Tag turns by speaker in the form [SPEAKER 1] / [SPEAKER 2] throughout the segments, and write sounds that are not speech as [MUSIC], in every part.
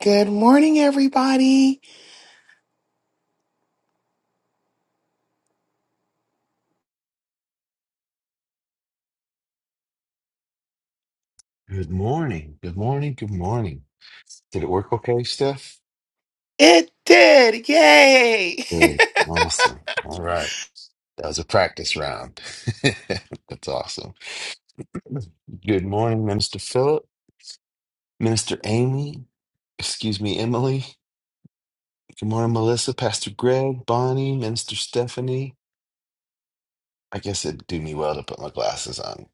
[SPEAKER 1] Good morning, everybody.
[SPEAKER 2] Good morning. Good morning. Good morning. Did it work okay, Steph?
[SPEAKER 1] It did. Yay. [LAUGHS]
[SPEAKER 2] Good. Awesome. All right. That was a practice round. [LAUGHS] That's awesome. Good morning, Minister Philip, Minister Amy, excuse me, Emily. Good morning, Melissa, Pastor Greg, Bonnie, Minister Stephanie. I guess it'd do me well to put my glasses on.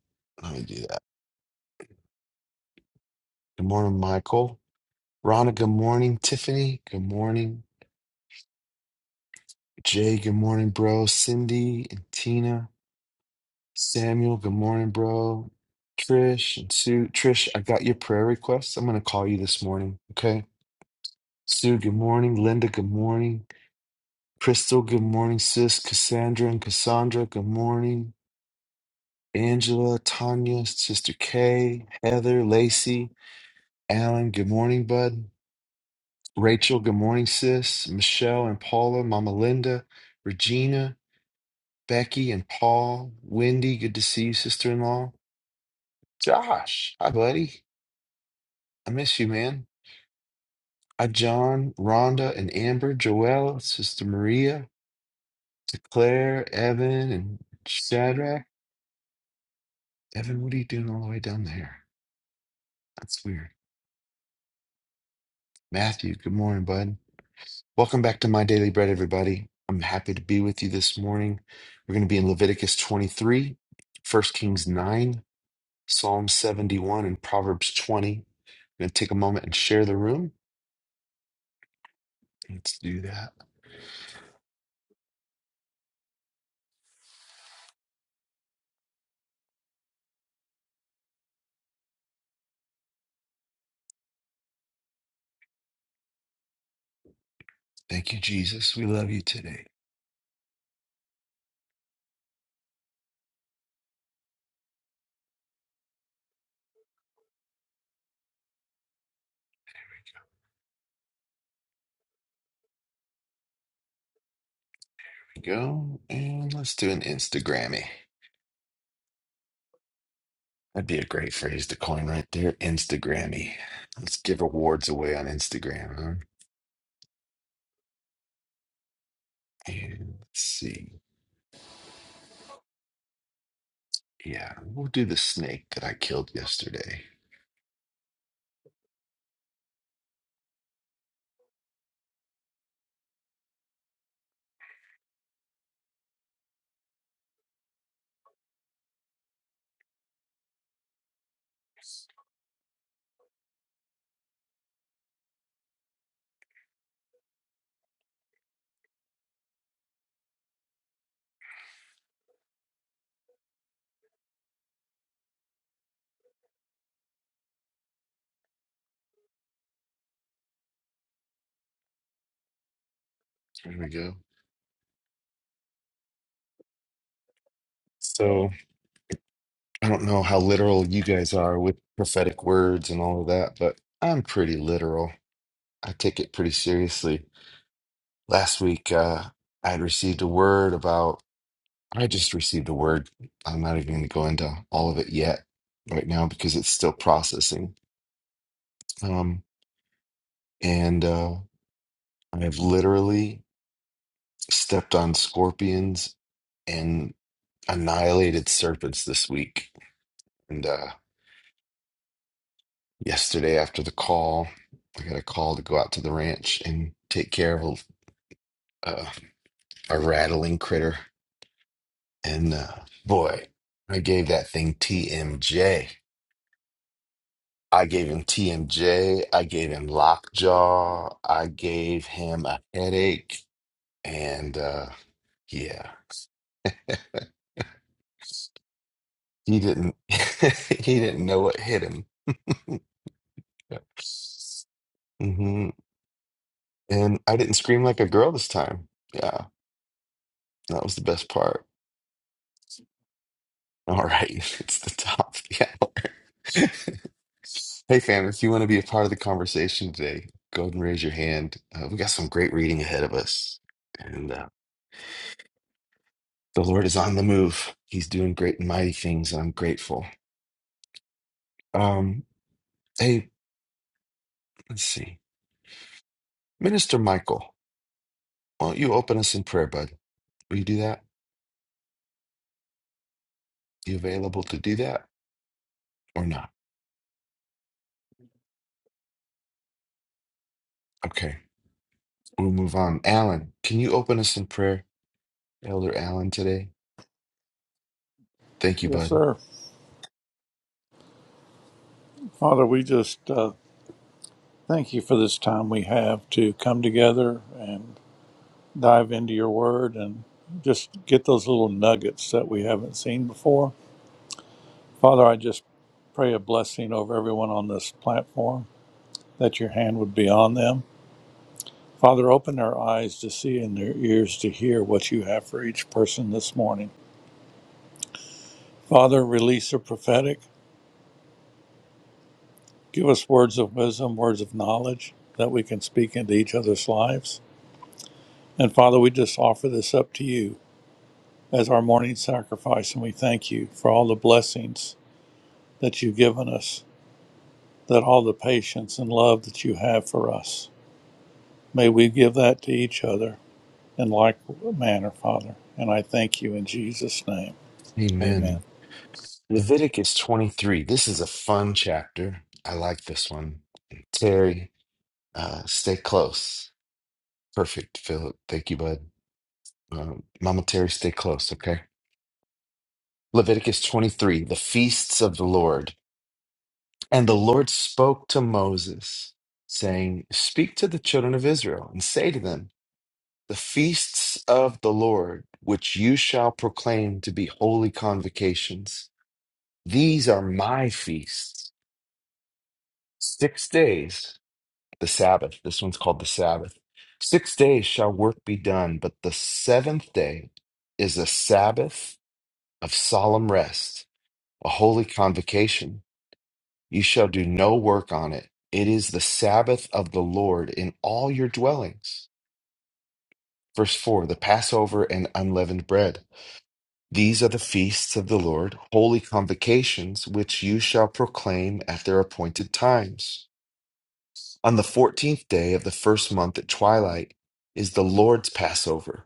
[SPEAKER 2] Let me do that. Good morning, Michael. Rhonda, good morning. Tiffany, good morning. Jay, good morning, bro. Cindy and Tina. Samuel, good morning, bro. Trish and Sue. Trish, I got your prayer requests. I'm going to call you this morning, okay? Sue, good morning. Linda, good morning. Crystal, good morning. Sis, Cassandra and Cassandra, good morning. Angela, Tanya, Sister Kay, Heather, Lacey, Alan, good morning, bud. Rachel, good morning, sis. Michelle and Paula, Mama Linda, Regina, Becky and Paul, Wendy, good to see you, sister in law. Josh, hi, buddy. I miss you, man. I, John, Rhonda, and Amber, Joelle, Sister Maria, to Claire, Evan, and Shadrach. Evan, what are you doing all the way down there? That's weird. Matthew, good morning, bud. Welcome back to My Daily Bread, everybody. I'm happy to be with you this morning. We're going to be in Leviticus 23, 1 Kings 9, Psalm 71, and Proverbs 20. I'm going to take a moment and share the room. Let's do that. Thank you, Jesus. We love you today. Go and let's do an Instagrammy. That'd be a great phrase to coin right there. Instagrammy. Let's give awards away on Instagram. Huh? And let's see. Yeah, we'll do the snake that I killed yesterday. There we go. So I don't know how literal you guys are with prophetic words and all of that, but I'm pretty literal. I take it pretty seriously. Last week, uh, I had received a word about, I just received a word. I'm not even going to go into all of it yet right now because it's still processing. Um, and uh, I have literally stepped on scorpions and annihilated serpents this week. And uh, yesterday, after the call, I got a call to go out to the ranch and take care of a, a rattling critter And uh, boy, I gave that thing TMJ. I gave him TMJ. I gave him lockjaw. I gave him a headache. And uh, yeah, he didn't. [LAUGHS] he didn't know what hit him. [LAUGHS] hmm And I didn't scream like a girl this time. Yeah, that was the best part. All right, [LAUGHS] it's the top [LAUGHS] of the hour. [LAUGHS] Hey, fam, if you want to be a part of the conversation today, go ahead and raise your hand. Uh, we got some great reading ahead of us, and uh, the Lord is on the move. He's doing great and mighty things, and I'm grateful. Um, hey, let's see. Minister Michael, won't you open us in prayer, bud? Will you do that? You available to do that or not? Okay, we'll move on. Alan, can you open us in prayer, Elder Alan, today? Thank you,
[SPEAKER 3] Yes,
[SPEAKER 2] bud.
[SPEAKER 3] sir. Father, we just uh, thank you for this time we have to come together and dive into your word and just get those little nuggets that we haven't seen before. Father, I just pray a blessing over everyone on this platform, that your hand would be on them. Father, open their eyes to see and their ears to hear what you have for each person this morning. Father, release the prophetic. Give us words of wisdom, words of knowledge that we can speak into each other's lives. And Father, we just offer this up to you as our morning sacrifice, and we thank you for all the blessings that you've given us, that all the patience and love that you have for us. May we give that to each other in like manner, Father. And I thank you in Jesus' name.
[SPEAKER 2] Amen.
[SPEAKER 3] Amen.
[SPEAKER 2] Leviticus 23. This is a fun chapter. I like this one. Terry, uh, stay close. Perfect, Philip. Thank you, bud. Um, Mama Terry, stay close, okay? Leviticus 23, the feasts of the Lord. And the Lord spoke to Moses, saying, Speak to the children of Israel and say to them, The feasts of the Lord, which you shall proclaim to be holy convocations, these are my feasts. Six days the Sabbath. This one's called the Sabbath. Six days shall work be done, but the seventh day is a Sabbath of solemn rest, a holy convocation. You shall do no work on it. It is the Sabbath of the Lord in all your dwellings. Verse 4 The Passover and unleavened bread. These are the feasts of the Lord, holy convocations, which you shall proclaim at their appointed times. On the fourteenth day of the first month at twilight is the Lord's Passover,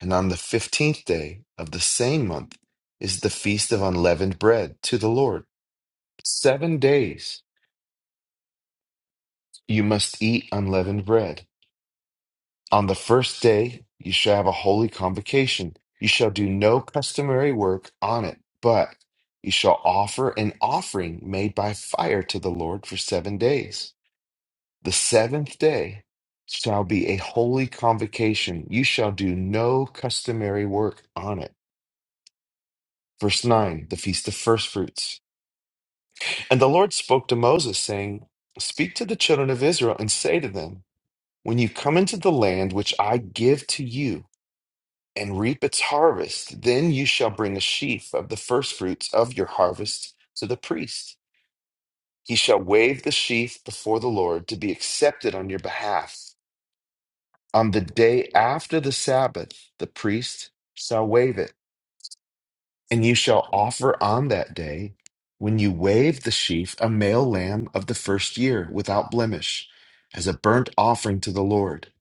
[SPEAKER 2] and on the fifteenth day of the same month is the feast of unleavened bread to the Lord. Seven days you must eat unleavened bread. On the first day you shall have a holy convocation. You shall do no customary work on it, but you shall offer an offering made by fire to the Lord for seven days. The seventh day shall be a holy convocation. You shall do no customary work on it. Verse 9, the Feast of Firstfruits. And the Lord spoke to Moses, saying, Speak to the children of Israel and say to them, When you come into the land which I give to you and reap its harvest, then you shall bring a sheaf of the firstfruits of your harvest to the priest. He shall wave the sheaf before the Lord to be accepted on your behalf. On the day after the Sabbath, the priest shall wave it, and you shall offer on that day, when you wave the sheaf, a male lamb of the first year without blemish, as a burnt offering to the Lord.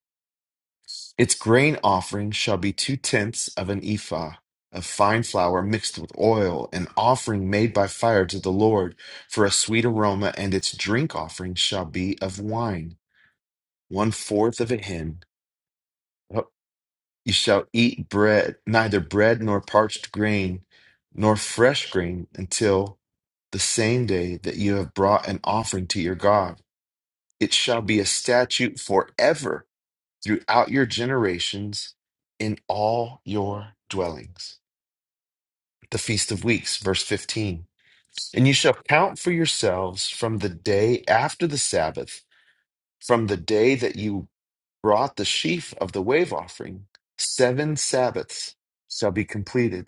[SPEAKER 2] Its grain offering shall be two tenths of an ephah of fine flour mixed with oil, an offering made by fire to the Lord for a sweet aroma, and its drink offering shall be of wine, one fourth of a hin. You shall eat bread, neither bread nor parched grain, nor fresh grain, until the same day that you have brought an offering to your God. It shall be a statute forever throughout your generations in all your dwellings. The Feast of Weeks, verse 15. And you shall count for yourselves from the day after the Sabbath, from the day that you brought the sheaf of the wave offering, seven Sabbaths shall be completed.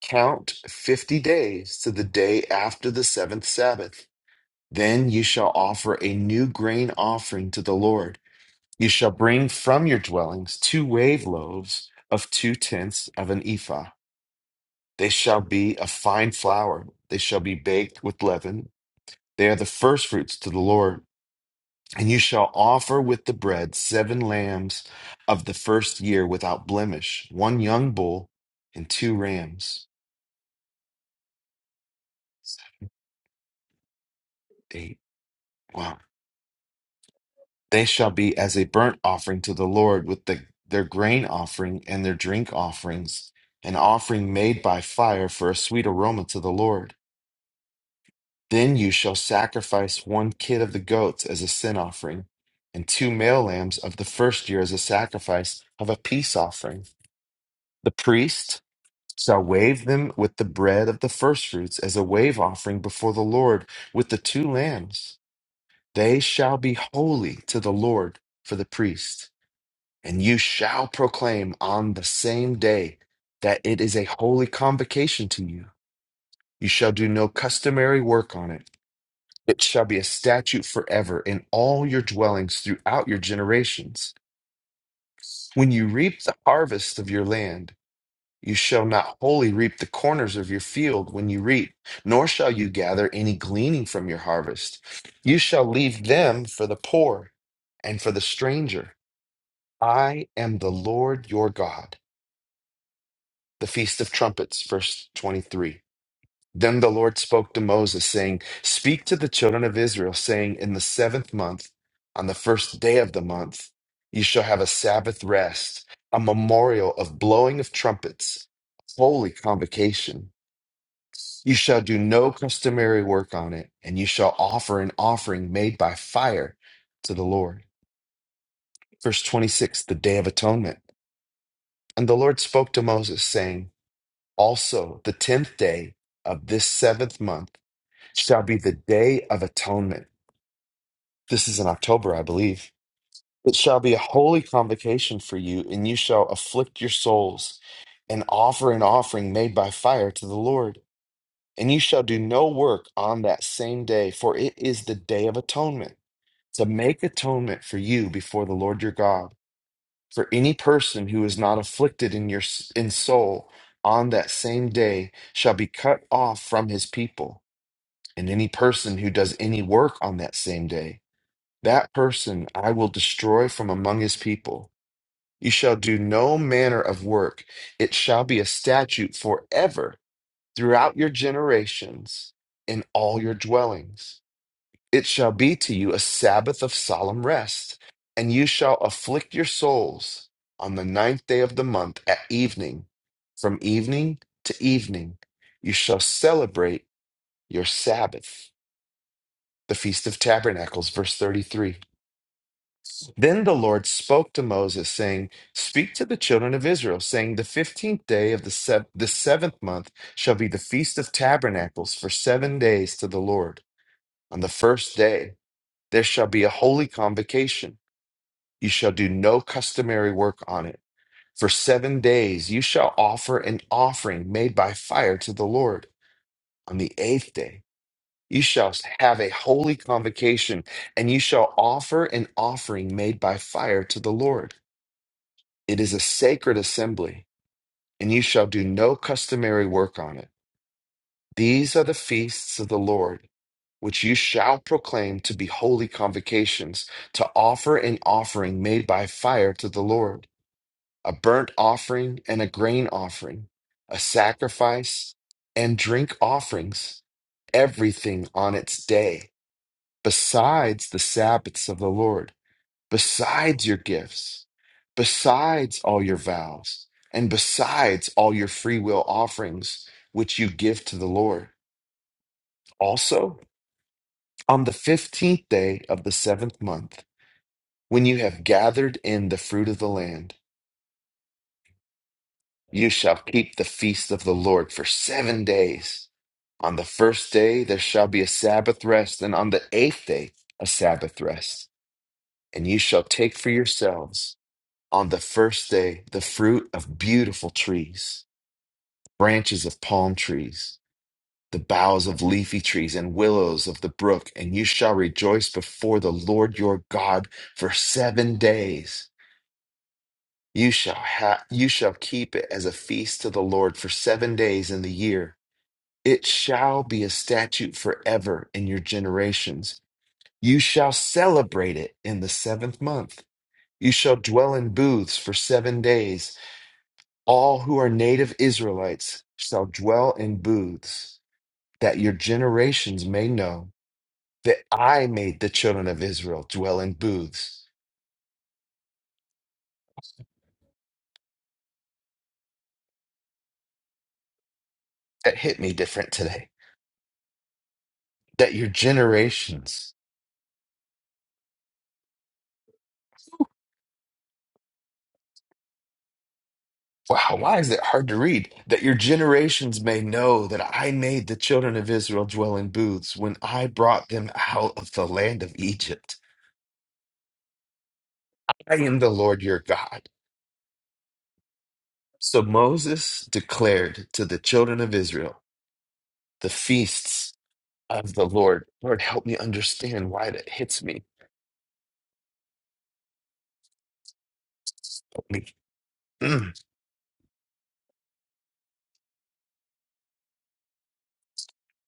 [SPEAKER 2] Count fifty days to the day after the seventh Sabbath. Then you shall offer a new grain offering to the Lord. You shall bring from your dwellings two wave loaves of two tenths of an ephah. They shall be of fine flour. They shall be baked with leaven. They are the firstfruits to the Lord. And you shall offer with the bread seven lambs of the first year without blemish, one young bull and two rams. Eight. wow. They shall be as a burnt offering to the Lord with the, their grain offering and their drink offerings, an offering made by fire for a sweet aroma to the Lord. Then you shall sacrifice one kid of the goats as a sin offering, and two male lambs of the first year as a sacrifice of a peace offering. The priest shall wave them with the bread of the firstfruits as a wave offering before the Lord with the two lambs. They shall be holy to the Lord for the priest. And you shall proclaim on the same day that it is a holy convocation to you. You shall do no customary work on it. It shall be a statute forever in all your dwellings throughout your generations. When you reap the harvest of your land, you shall not wholly reap the corners of your field when you reap, nor shall you gather any gleaning from your harvest. You shall leave them for the poor and for the stranger. I am the Lord your God. the Feast of Trumpets, verse 23. Then the Lord spoke to Moses, saying, Speak to the children of Israel, saying, In the seventh month, on the first day of the month, you shall have a Sabbath rest, a memorial of blowing of trumpets, a holy convocation. You shall do no customary work on it, and you shall offer an offering made by fire to the Lord. Verse 26, the Day of Atonement. And the Lord spoke to Moses, saying, Also, the tenth day of this seventh month shall be the day of atonement. This is in October, I believe. It shall be a holy convocation for you, and you shall afflict your souls and offer an offering made by fire to the Lord. And you shall do no work on that same day, for it is the day of atonement, to make atonement for you before the Lord your God. For any person who is not afflicted in your in soul on that same day shall be cut off from his people. And any person who does any work on that same day, that person I will destroy from among his people. You shall do no manner of work. It shall be a statute forever throughout your generations in all your dwellings. It shall be to you a Sabbath of solemn rest, and you shall afflict your souls on the ninth day of the month at evening. From evening to evening, you shall celebrate your Sabbath, the Feast of Tabernacles, verse 33. Then the Lord spoke to Moses, saying, Speak to the children of Israel, saying, The fifteenth day of the, sev- the seventh month shall be the Feast of Tabernacles for seven days to the Lord. On the first day, there shall be a holy convocation. You shall do no customary work on it. For seven days you shall offer an offering made by fire to the Lord. On the eighth day you shall have a holy convocation, and you shall offer an offering made by fire to the Lord. It is a sacred assembly, and you shall do no customary work on it. These are the feasts of the Lord which you shall proclaim to be holy convocations, to offer an offering made by fire to the Lord, a burnt offering and a grain offering, a sacrifice and drink offerings, everything on its day, besides the Sabbaths of the Lord, besides your gifts, besides all your vows, and besides all your free will offerings, which you give to the Lord. Also, On the fifteenth day of the seventh month, when you have gathered in the fruit of the land, you shall keep the feast of the Lord for seven days. On the first day there shall be a Sabbath rest, and on the eighth day a Sabbath rest. And you shall take for yourselves on the first day the fruit of beautiful trees, branches of palm trees. the boughs of leafy trees and willows of the brook, and you shall rejoice before the Lord your God for seven days. You shall ha- you shall keep it as a feast to the Lord for seven days in the year. It shall be a statute forever in your generations. You shall celebrate it in the seventh month. You shall dwell in booths for seven days. All who are native Israelites shall dwell in booths, that your generations may know that I made the children of Israel dwell in booths. That hit me different today. That your generations, wow, why is it hard to read? That your generations may know that I made the children of Israel dwell in booths when I brought them out of the land of Egypt. I am the Lord your God. So Moses declared to the children of Israel the feasts of the Lord. Lord, help me understand why that hits me. Help me. Mm.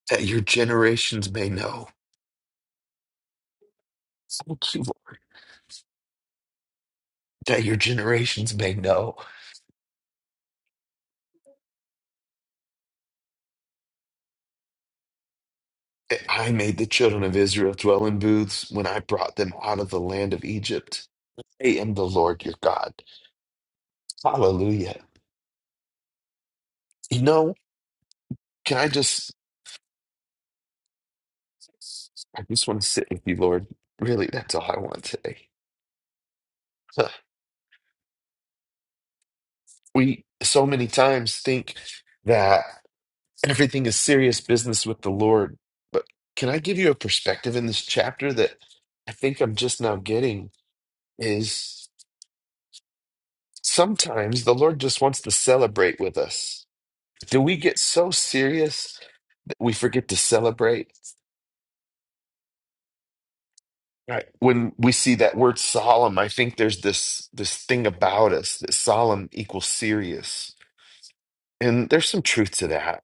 [SPEAKER 2] That your generations may know. Thank you, Lord, that your generations may know that I made the children of Israel dwell in booths when I brought them out of the land of Egypt. I am the Lord your God. Hallelujah. You know, can I just, I just want to sit with you, Lord. Really, that's all I want today. Huh. We so many times think that everything is serious business with the Lord, but can I give you a perspective in this chapter that I think I'm just now getting? is Sometimes the Lord just wants to celebrate with us. Do we get so serious that we forget to celebrate? Right. When we see that word solemn, I think there's this this thing about us that solemn equals serious. And there's some truth to that.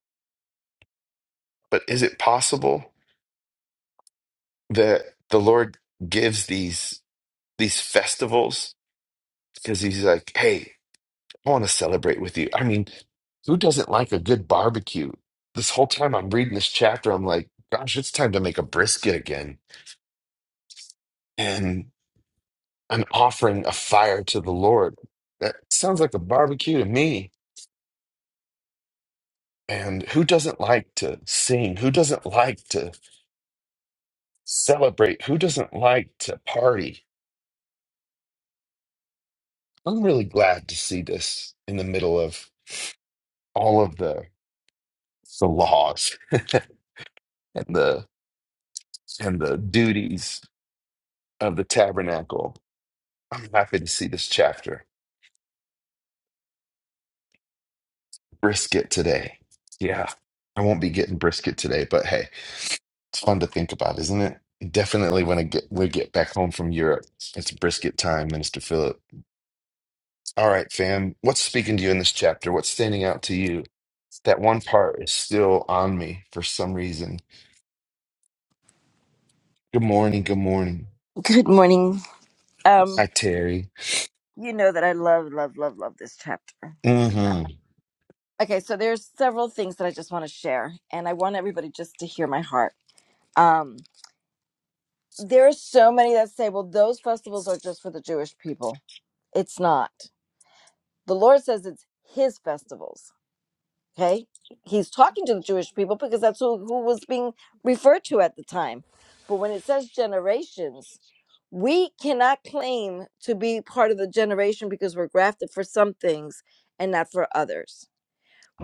[SPEAKER 2] But is it possible that the Lord gives these these festivals because he's like, "Hey, I want to celebrate with you. I mean, who doesn't like a good barbecue? This whole time I'm reading this chapter, I'm like, gosh, it's time to make a brisket again. And I'm offering a fire to the Lord. That sounds like a barbecue to me. And who doesn't like to sing? Who doesn't like to celebrate? Who doesn't like to party? I'm really glad to see this in the middle of all of the, the laws [LAUGHS] and the and the duties of the tabernacle I'm happy to see this chapter. Brisket today. Yeah. I won't be getting brisket today, but hey, it's fun to think about, isn't it? Definitely when I get we get back home from Europe. It's brisket time, Minister Philip. All right, fam. What's speaking to you in this chapter? What's standing out to you? That one part is still on me for some reason. Good morning, good morning.
[SPEAKER 4] Good morning. Um,
[SPEAKER 2] Hi, Terry.
[SPEAKER 4] you know that I love, love, love, love this chapter.
[SPEAKER 2] Mm-hmm.
[SPEAKER 4] Okay, so there's several things that I just want to share, and I want everybody just to hear my heart. Um, there are so many that say, well, those festivals are just for the Jewish people. It's not. The Lord says it's his festivals. Okay. He's talking to the Jewish people because that's who, who was being referred to at the time. But when it says generations, we cannot claim to be part of the generation because we're grafted for some things and not for others.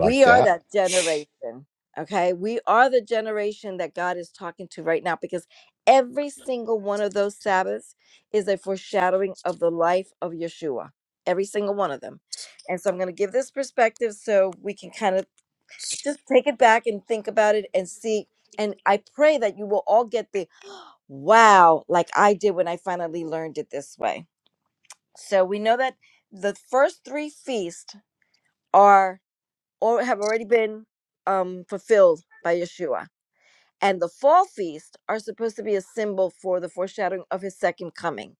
[SPEAKER 2] Like
[SPEAKER 4] are
[SPEAKER 2] that?
[SPEAKER 4] that generation. Okay. We are the generation that God is talking to right now because every single one of those Sabbaths is a foreshadowing of the life of Yeshua, every single one of them. And so I'm going to give this perspective so we can kind of just take it back and think about it and see and i pray that you will all get the wow like i did when i finally learned it this way so we know that the first three feasts are or have already been um fulfilled by yeshua and the fall feasts are supposed to be a symbol for the foreshadowing of his second coming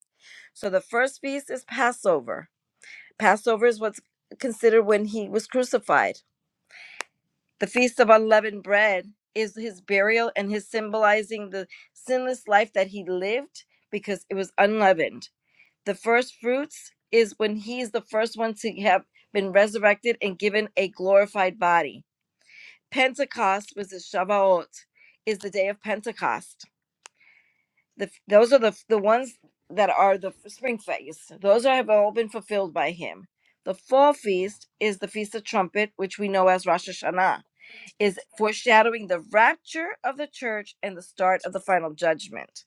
[SPEAKER 4] so the first feast is passover passover is what's considered when he was crucified The Feast of Unleavened Bread is his burial and his symbolizing the sinless life that he lived because it was unleavened. The first fruits is when he is the first one to have been resurrected and given a glorified body. Pentecost was the Shavuot, is the day of Pentecost. The, those are the, the ones that are the spring feasts. Those are, have all been fulfilled by him. The fall feast is the Feast of Trumpet, which we know as Rosh Hashanah is foreshadowing the rapture of the church and the start of the final judgment.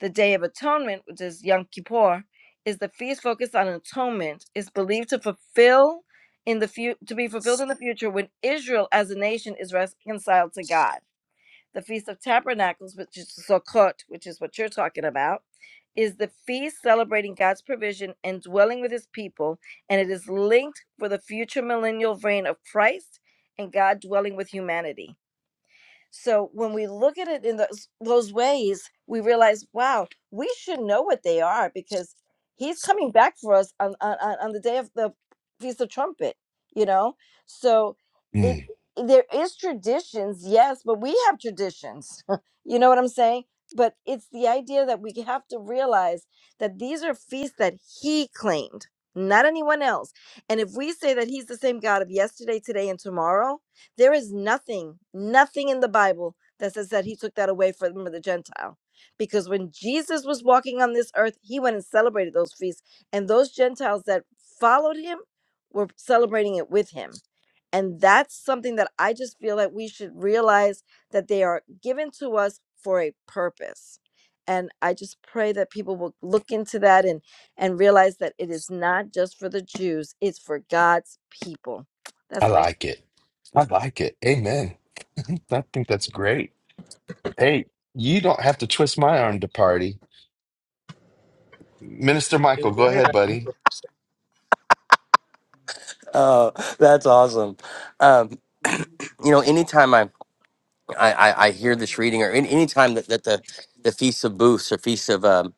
[SPEAKER 4] The Day of Atonement, which is Yom Kippur, is the feast focused on atonement, is believed to fulfill in the fu- to be fulfilled in the future when Israel as a nation is reconciled to God. The Feast of Tabernacles, which is Sukkot, which is what you're talking about, is the feast celebrating God's provision and dwelling with his people, and it is linked for the future millennial reign of Christ and God dwelling with humanity. So when we look at it in those, those ways, we realize, wow, we should know what they are because he's coming back for us on, on, on on the day of the Feast of Trumpet, you know? So it
[SPEAKER 2] Mm,
[SPEAKER 4] there is traditions, yes, but we have traditions. [LAUGHS] you know what I'm saying? But it's the idea that we have to realize that these are feasts that he claimed, not anyone else. And if we say that he's the same God of yesterday, today, and tomorrow, there is nothing, nothing in the Bible that says that he took that away from the Gentile. Because when Jesus was walking on this earth, he went and celebrated those feasts. And those Gentiles that followed him were celebrating it with him. And that's something that I just feel that we should realize that they are given to us for a purpose. And I just pray that people will look into that and, and realize that it is not just for the Jews, it's for God's people.
[SPEAKER 2] I
[SPEAKER 4] That's my
[SPEAKER 2] like it. I like it. Amen. [LAUGHS] I think that's great. Hey, you don't have to twist my arm to party. Minister
[SPEAKER 5] Dude,
[SPEAKER 2] Michael, go
[SPEAKER 5] what did
[SPEAKER 2] ahead,
[SPEAKER 5] I do?
[SPEAKER 2] buddy.
[SPEAKER 6] Oh, that's awesome. Um, you know, anytime I, I, I I hear this reading, or any, anytime that, that the, the Feast of Booths or Feast of, um,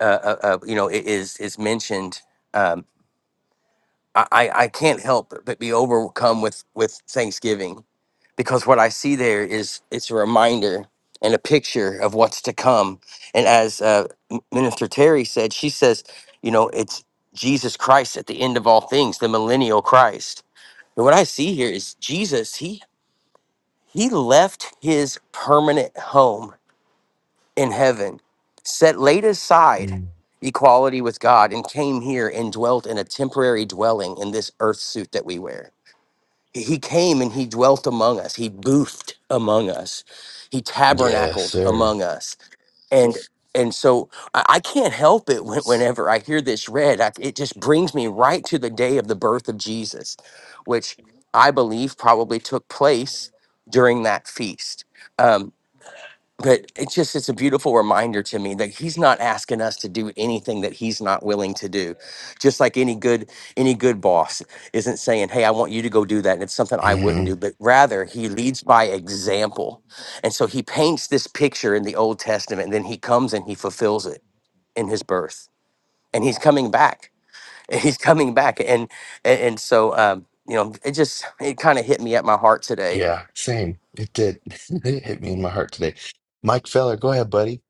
[SPEAKER 6] uh, uh, uh, you know, i- is, is mentioned, um, I, I I can't help but be overcome with, with Thanksgiving because what I see there is it's a reminder and a picture of what's to come. And as uh, M- Minister Terry said, she says, you know, it's Jesus Christ at the end of all things, the millennial Christ And what I see here is Jesus, he he left his permanent home in heaven, set laid aside
[SPEAKER 2] Mm.
[SPEAKER 6] equality with God and came here and dwelt in a temporary dwelling in this earth suit that we wear. He he came and he dwelt among us. He boofed among us. He
[SPEAKER 2] Yes,
[SPEAKER 6] tabernacled
[SPEAKER 2] sir.
[SPEAKER 6] among us and and so I, I can't help it when, whenever I hear this read. I, it just brings me right to the day of the birth of Jesus, which I believe probably took place during that feast. Um, but it's just it's a beautiful reminder to me that he's not asking us to do anything that he's not willing to do just like any good any good boss isn't saying hey i want you to go do that and it's something i wouldn't
[SPEAKER 2] hmm
[SPEAKER 6] do but rather he leads by example and so he paints this picture in the old testament and then he comes and he fulfills it in his birth and he's coming back [LAUGHS] he's coming back and and, and so um you know it just it kind of hit me at my heart today
[SPEAKER 2] Yeah, same. It did. [LAUGHS] It hit me in my heart today. Mike Feller, go ahead, buddy.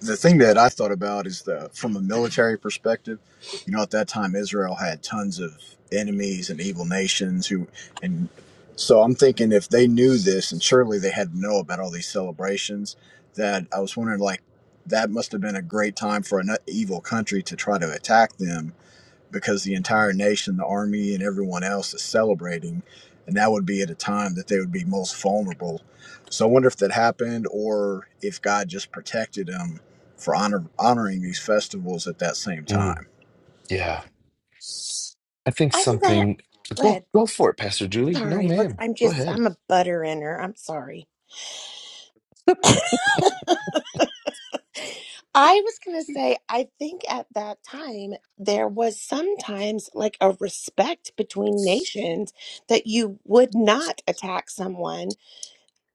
[SPEAKER 5] the thing that I thought about is the from a military perspective, you know, at that time Israel had tons of enemies and evil nations who, and so I'm thinking if they knew this, and surely they had to know about all these celebrations. That I was wondering, like, that must have been a great time for an evil country to try to attack them because the entire nation, the army, and everyone else is celebrating. And that would be at a time that they would be most vulnerable. So I wonder if that happened or if God just protected them for honor, honoring these festivals at that same
[SPEAKER 2] Mm.
[SPEAKER 5] time.
[SPEAKER 2] Yeah. I think
[SPEAKER 7] I think that.
[SPEAKER 2] something.
[SPEAKER 7] Go
[SPEAKER 2] Go
[SPEAKER 7] ahead.
[SPEAKER 2] go for it, Pastor Julie. No,
[SPEAKER 7] Sorry. Look,
[SPEAKER 2] ma'am.
[SPEAKER 7] I'm
[SPEAKER 2] Go
[SPEAKER 7] just,
[SPEAKER 2] ahead.
[SPEAKER 7] I'm a butter inner. I'm sorry. I was going to say, I think at that time, there was sometimes like a respect between nations that you would not attack someone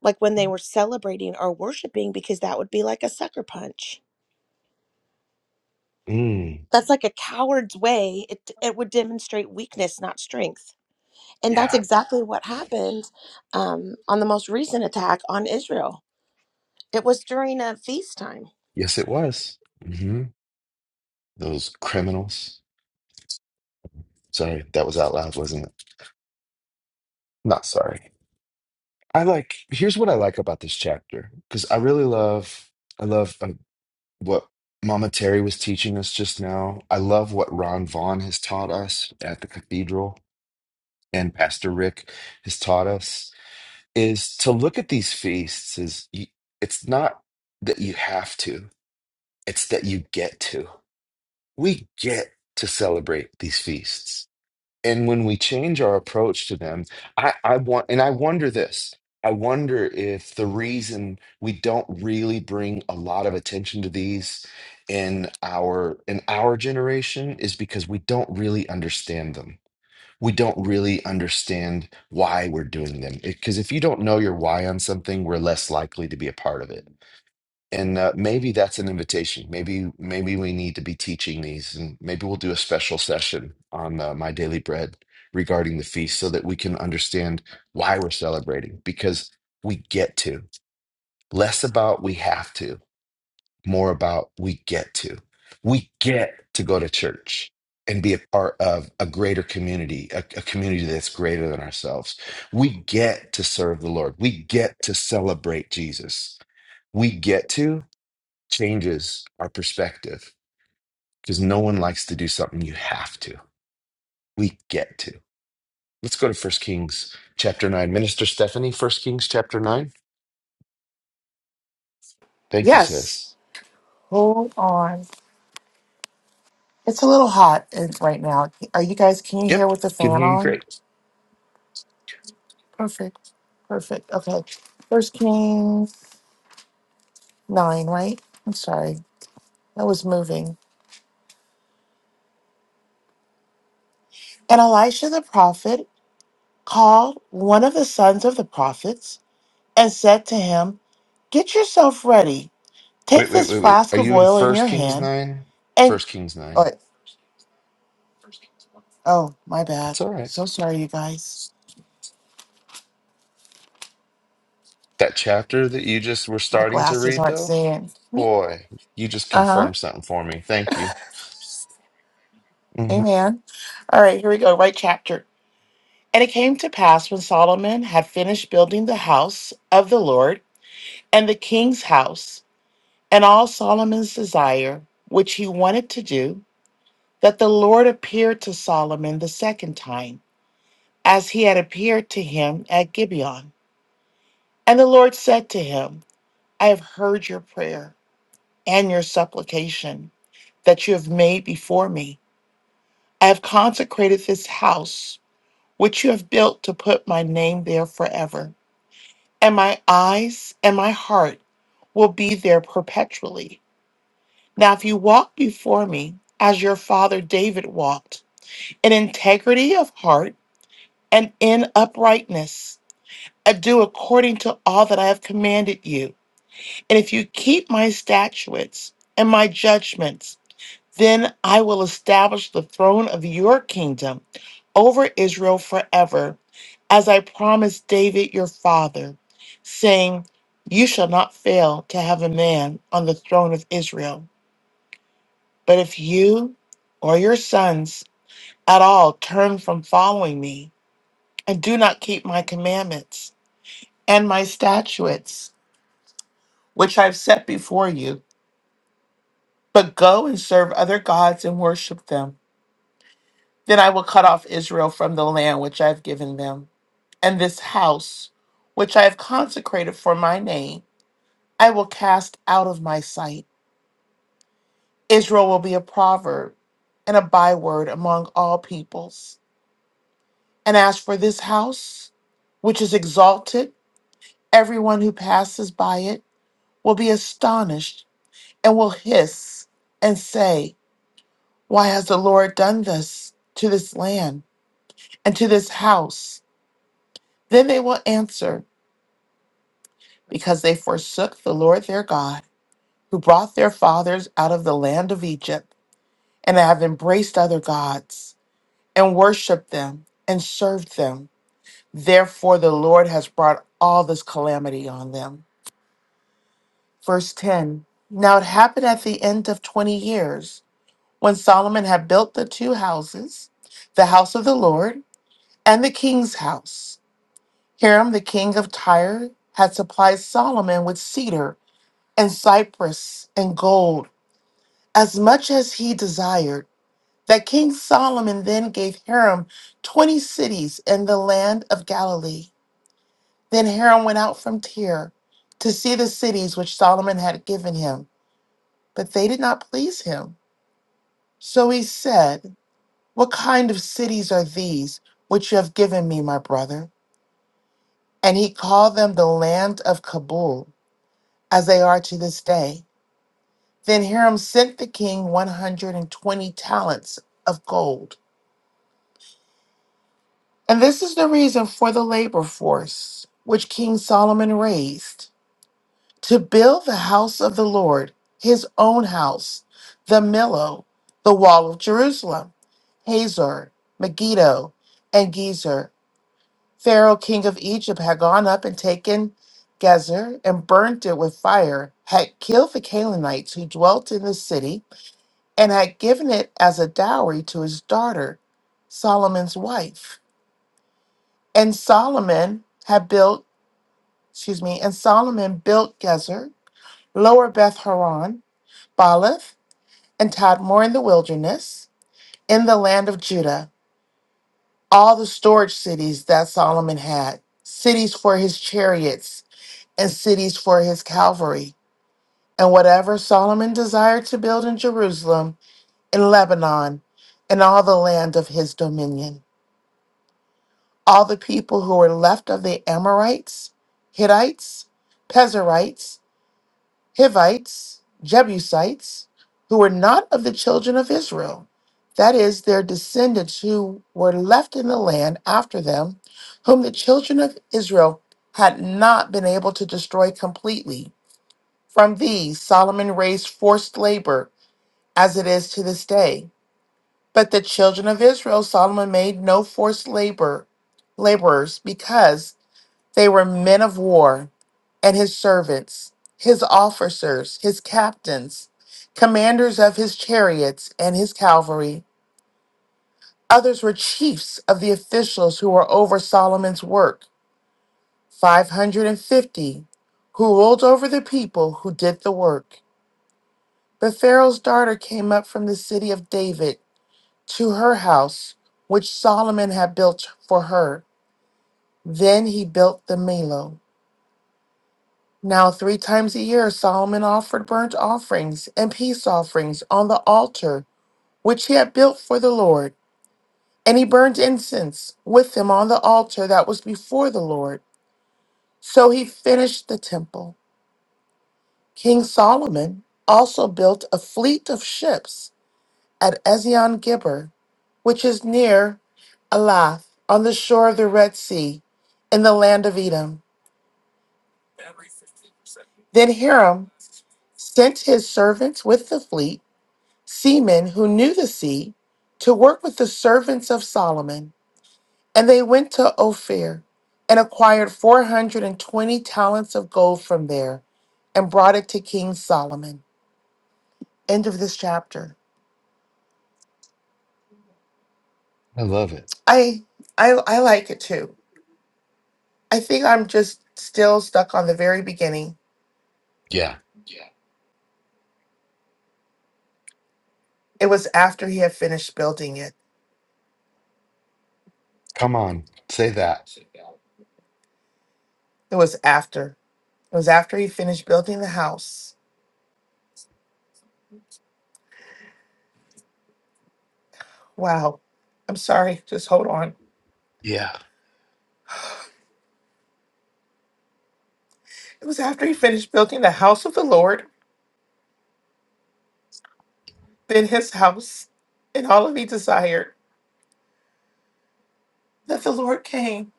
[SPEAKER 7] like when they were celebrating or worshiping because that would be like a sucker punch.
[SPEAKER 2] Mm,
[SPEAKER 7] That's like a coward's way. It, it would demonstrate weakness, not strength. And that's
[SPEAKER 2] yeah.
[SPEAKER 7] exactly what happened um, on the most recent attack on Israel. It was during a feast time.
[SPEAKER 2] Yes, it was. hmm Those criminals. Sorry, that was out loud, wasn't it? Not sorry. I like. Here's what I like about this chapter because I really love. I love um, what Mama Terry was teaching us just now. I love what Ron Vaughn has taught us at the cathedral, and Pastor Rick has taught us. is to look at these feasts is you, it's not that you have to it's that you get to we get to celebrate these feasts and when we change our approach to them i i want and i wonder this i wonder if the reason we don't really bring a lot of attention to these in our in our generation is because we don't really understand them we don't really understand why we're doing them. Because if you don't know your why on something, we're less likely to be a part of it. And uh, maybe that's an invitation. Maybe maybe we need to be teaching these, and maybe we'll do a special session on uh, my daily bread regarding the feast, so that we can understand why we're celebrating. Because we get to less about we have to more about we get to. We get to go to church and be a part of a greater community, a, a community that's greater than ourselves. We get to serve the Lord. We get to celebrate Jesus. We get to changes our perspective because no one likes to do something you have to. We get to. Let's go to First Kings chapter 9. Minister Stephanie, First Kings chapter 9. Thank you,
[SPEAKER 1] Yes.
[SPEAKER 2] sis.
[SPEAKER 1] Hold on. It's a little hot in- right now. Are you guys, can you hear
[SPEAKER 2] Yep,
[SPEAKER 1] with the
[SPEAKER 2] can
[SPEAKER 1] fan
[SPEAKER 2] hear you
[SPEAKER 1] on?
[SPEAKER 2] great.
[SPEAKER 1] Perfect. Perfect. Okay. First Kings 9, right? I'm sorry. That was moving. And Elisha the prophet called one of the sons of the prophets and said to him, Get yourself ready.
[SPEAKER 2] Wait,
[SPEAKER 1] Take
[SPEAKER 2] wait,
[SPEAKER 1] this
[SPEAKER 2] wait, wait.
[SPEAKER 1] flask
[SPEAKER 2] Are
[SPEAKER 1] of
[SPEAKER 2] you in
[SPEAKER 1] oil in your
[SPEAKER 2] First Kings
[SPEAKER 1] hand
[SPEAKER 2] 9?
[SPEAKER 1] and,
[SPEAKER 2] First Kings 9.
[SPEAKER 1] oh, my bad.
[SPEAKER 2] That's all right.
[SPEAKER 1] So sorry, you guys.
[SPEAKER 2] That chapter that you just were
[SPEAKER 1] My
[SPEAKER 2] starting to
[SPEAKER 1] glasses
[SPEAKER 2] read,
[SPEAKER 1] aren't
[SPEAKER 2] though,
[SPEAKER 1] seeing.
[SPEAKER 2] boy, you just
[SPEAKER 1] Uh huh.
[SPEAKER 2] confirmed something for me. Thank you. hmm
[SPEAKER 1] Amen. All right, here we go. Right chapter. And it came to pass when Solomon had finished building the house of the Lord and the king's house, and all Solomon's desire, which he wanted to do, that the Lord appeared to Solomon the second time, as he had appeared to him at Gibeon. And the Lord said to him, I have heard your prayer and your supplication that you have made before me. I have consecrated this house, which you have built to put my name there forever. And my eyes and my heart will be there perpetually. Now, if you walk before me as your father David walked, in integrity of heart and in uprightness, and do according to all that I have commanded you, and if you keep my statutes and my judgments, Then I will establish the throne of your kingdom over Israel forever, as I promised David your father, saying, You shall not fail to have a man on the throne of Israel. But if you or your sons at all turn from following me and do not keep my commandments and my statutes, which I've set before you, but go and serve other gods and worship them, Then I will cut off Israel from the land which I have given them, and this house which I have consecrated for my name, I will cast out of my sight. Israel will be a proverb and a byword among all peoples. And as for this house, which is exalted, everyone who passes by it will be astonished and will hiss and say, Why has the Lord done this to this land and to this house? Then they will answer. because they forsook the Lord their God, who brought their fathers out of the land of Egypt, and have embraced other gods, and worshiped them, and served them. Therefore, the Lord has brought all this calamity on them. Verse 10 Now it happened at the end of 20 years, when Solomon had built the two houses, the house of the Lord and the king's house. Hiram, the king of Tyre, had supplied Solomon with cedar and cypress and gold as much as he desired, that King Solomon then gave Hiram 20 cities in the land of Galilee. Then Hiram went out from Tyre to see the cities which Solomon had given him, but they did not please him. So he said, What kind of cities are these which you have given me, my brother? And he called them the land of Kabul, as they are to this day. Then Hiram sent the king 120 talents of gold And this is the reason for the labor force which King Solomon raised to build the house of the Lord, his own house, the Millo, the wall of Jerusalem, Hazor, Megiddo, and Gezer. Pharaoh, king of Egypt, had gone up and taken Gezer and burnt it with fire, had killed the Canaanites who dwelt in the city, and had given it as a dowry to his daughter, Solomon's wife. And Solomon had built, excuse me, and Solomon built Gezer, Lower Beth Horon, Baalath, and Tadmor in the wilderness, in the land of Judah, all the storage cities that Solomon had, cities for his chariots and cities for his cavalry, and whatever Solomon desired to build in Jerusalem, in Lebanon, in all the land of his dominion. All the people who were left of the Amorites, Hittites, Pezerites, Hivites, Jebusites, who were not of the children of Israel. That is, their descendants who were left in the land after them, whom the children of Israel had not been able to destroy completely. From these, Solomon raised forced labor, as it is to this day. But the children of Israel, Solomon made no forced labor laborers, because they were men of war and his servants, his officers, his captains, commanders of his chariots and his cavalry. Others were chiefs of the officials who were over Solomon's work, 550, who ruled over the people who did the work. But Pharaoh's daughter came up from the city of David to her house, which Solomon had built for her. Then he built the Milo. Now, three times a year, Solomon offered burnt offerings and peace offerings on the altar which he had built for the Lord. And he burned incense with them on the altar that was before the Lord. So he finished the temple. King Solomon also built a fleet of ships at Ezion Gibber, which is near Elath, on the shore of the Red Sea, in the land of Edom. Then Hiram sent his servants with the fleet seamen who knew the sea, to work with the servants of Solomon. And they went to Ophir and acquired 420 talents of gold from there and brought it to King Solomon. End of this chapter.
[SPEAKER 2] I love it.
[SPEAKER 1] I I I like it too. I think I'm just still stuck on the very beginning.
[SPEAKER 2] Yeah.
[SPEAKER 1] It was after he had finished building it.
[SPEAKER 2] Come on. Say that.
[SPEAKER 1] It was after. It was after he finished building the house. Wow. I'm sorry. Just hold on.
[SPEAKER 2] Yeah.
[SPEAKER 1] It was after he finished building the house of the Lord then his house and all of he desired that the lord came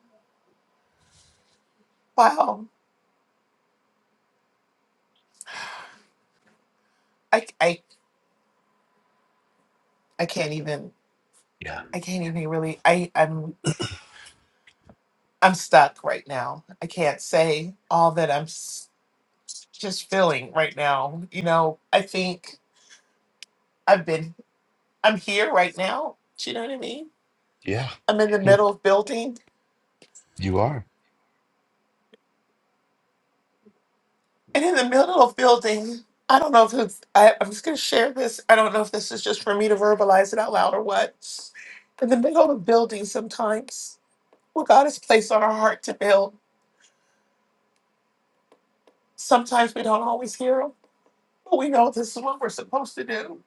[SPEAKER 1] wow i i i can't even
[SPEAKER 2] Yeah.
[SPEAKER 1] i can't even really i i'm i'm stuck right now i can't say all that i'm s- just feeling right now you know i think i've been i'm here right now do you know what i mean
[SPEAKER 2] Yeah.
[SPEAKER 1] i'm in the
[SPEAKER 2] Hmm.
[SPEAKER 1] middle of building
[SPEAKER 2] You are.
[SPEAKER 1] and in the middle of building i don't know if it's, I, i'm just going to share this i don't know if this is just for me to verbalize it out loud or what in the middle of building sometimes what God has placed on our heart to build. Sometimes we don't always hear Him, but we know this is what we're supposed to do.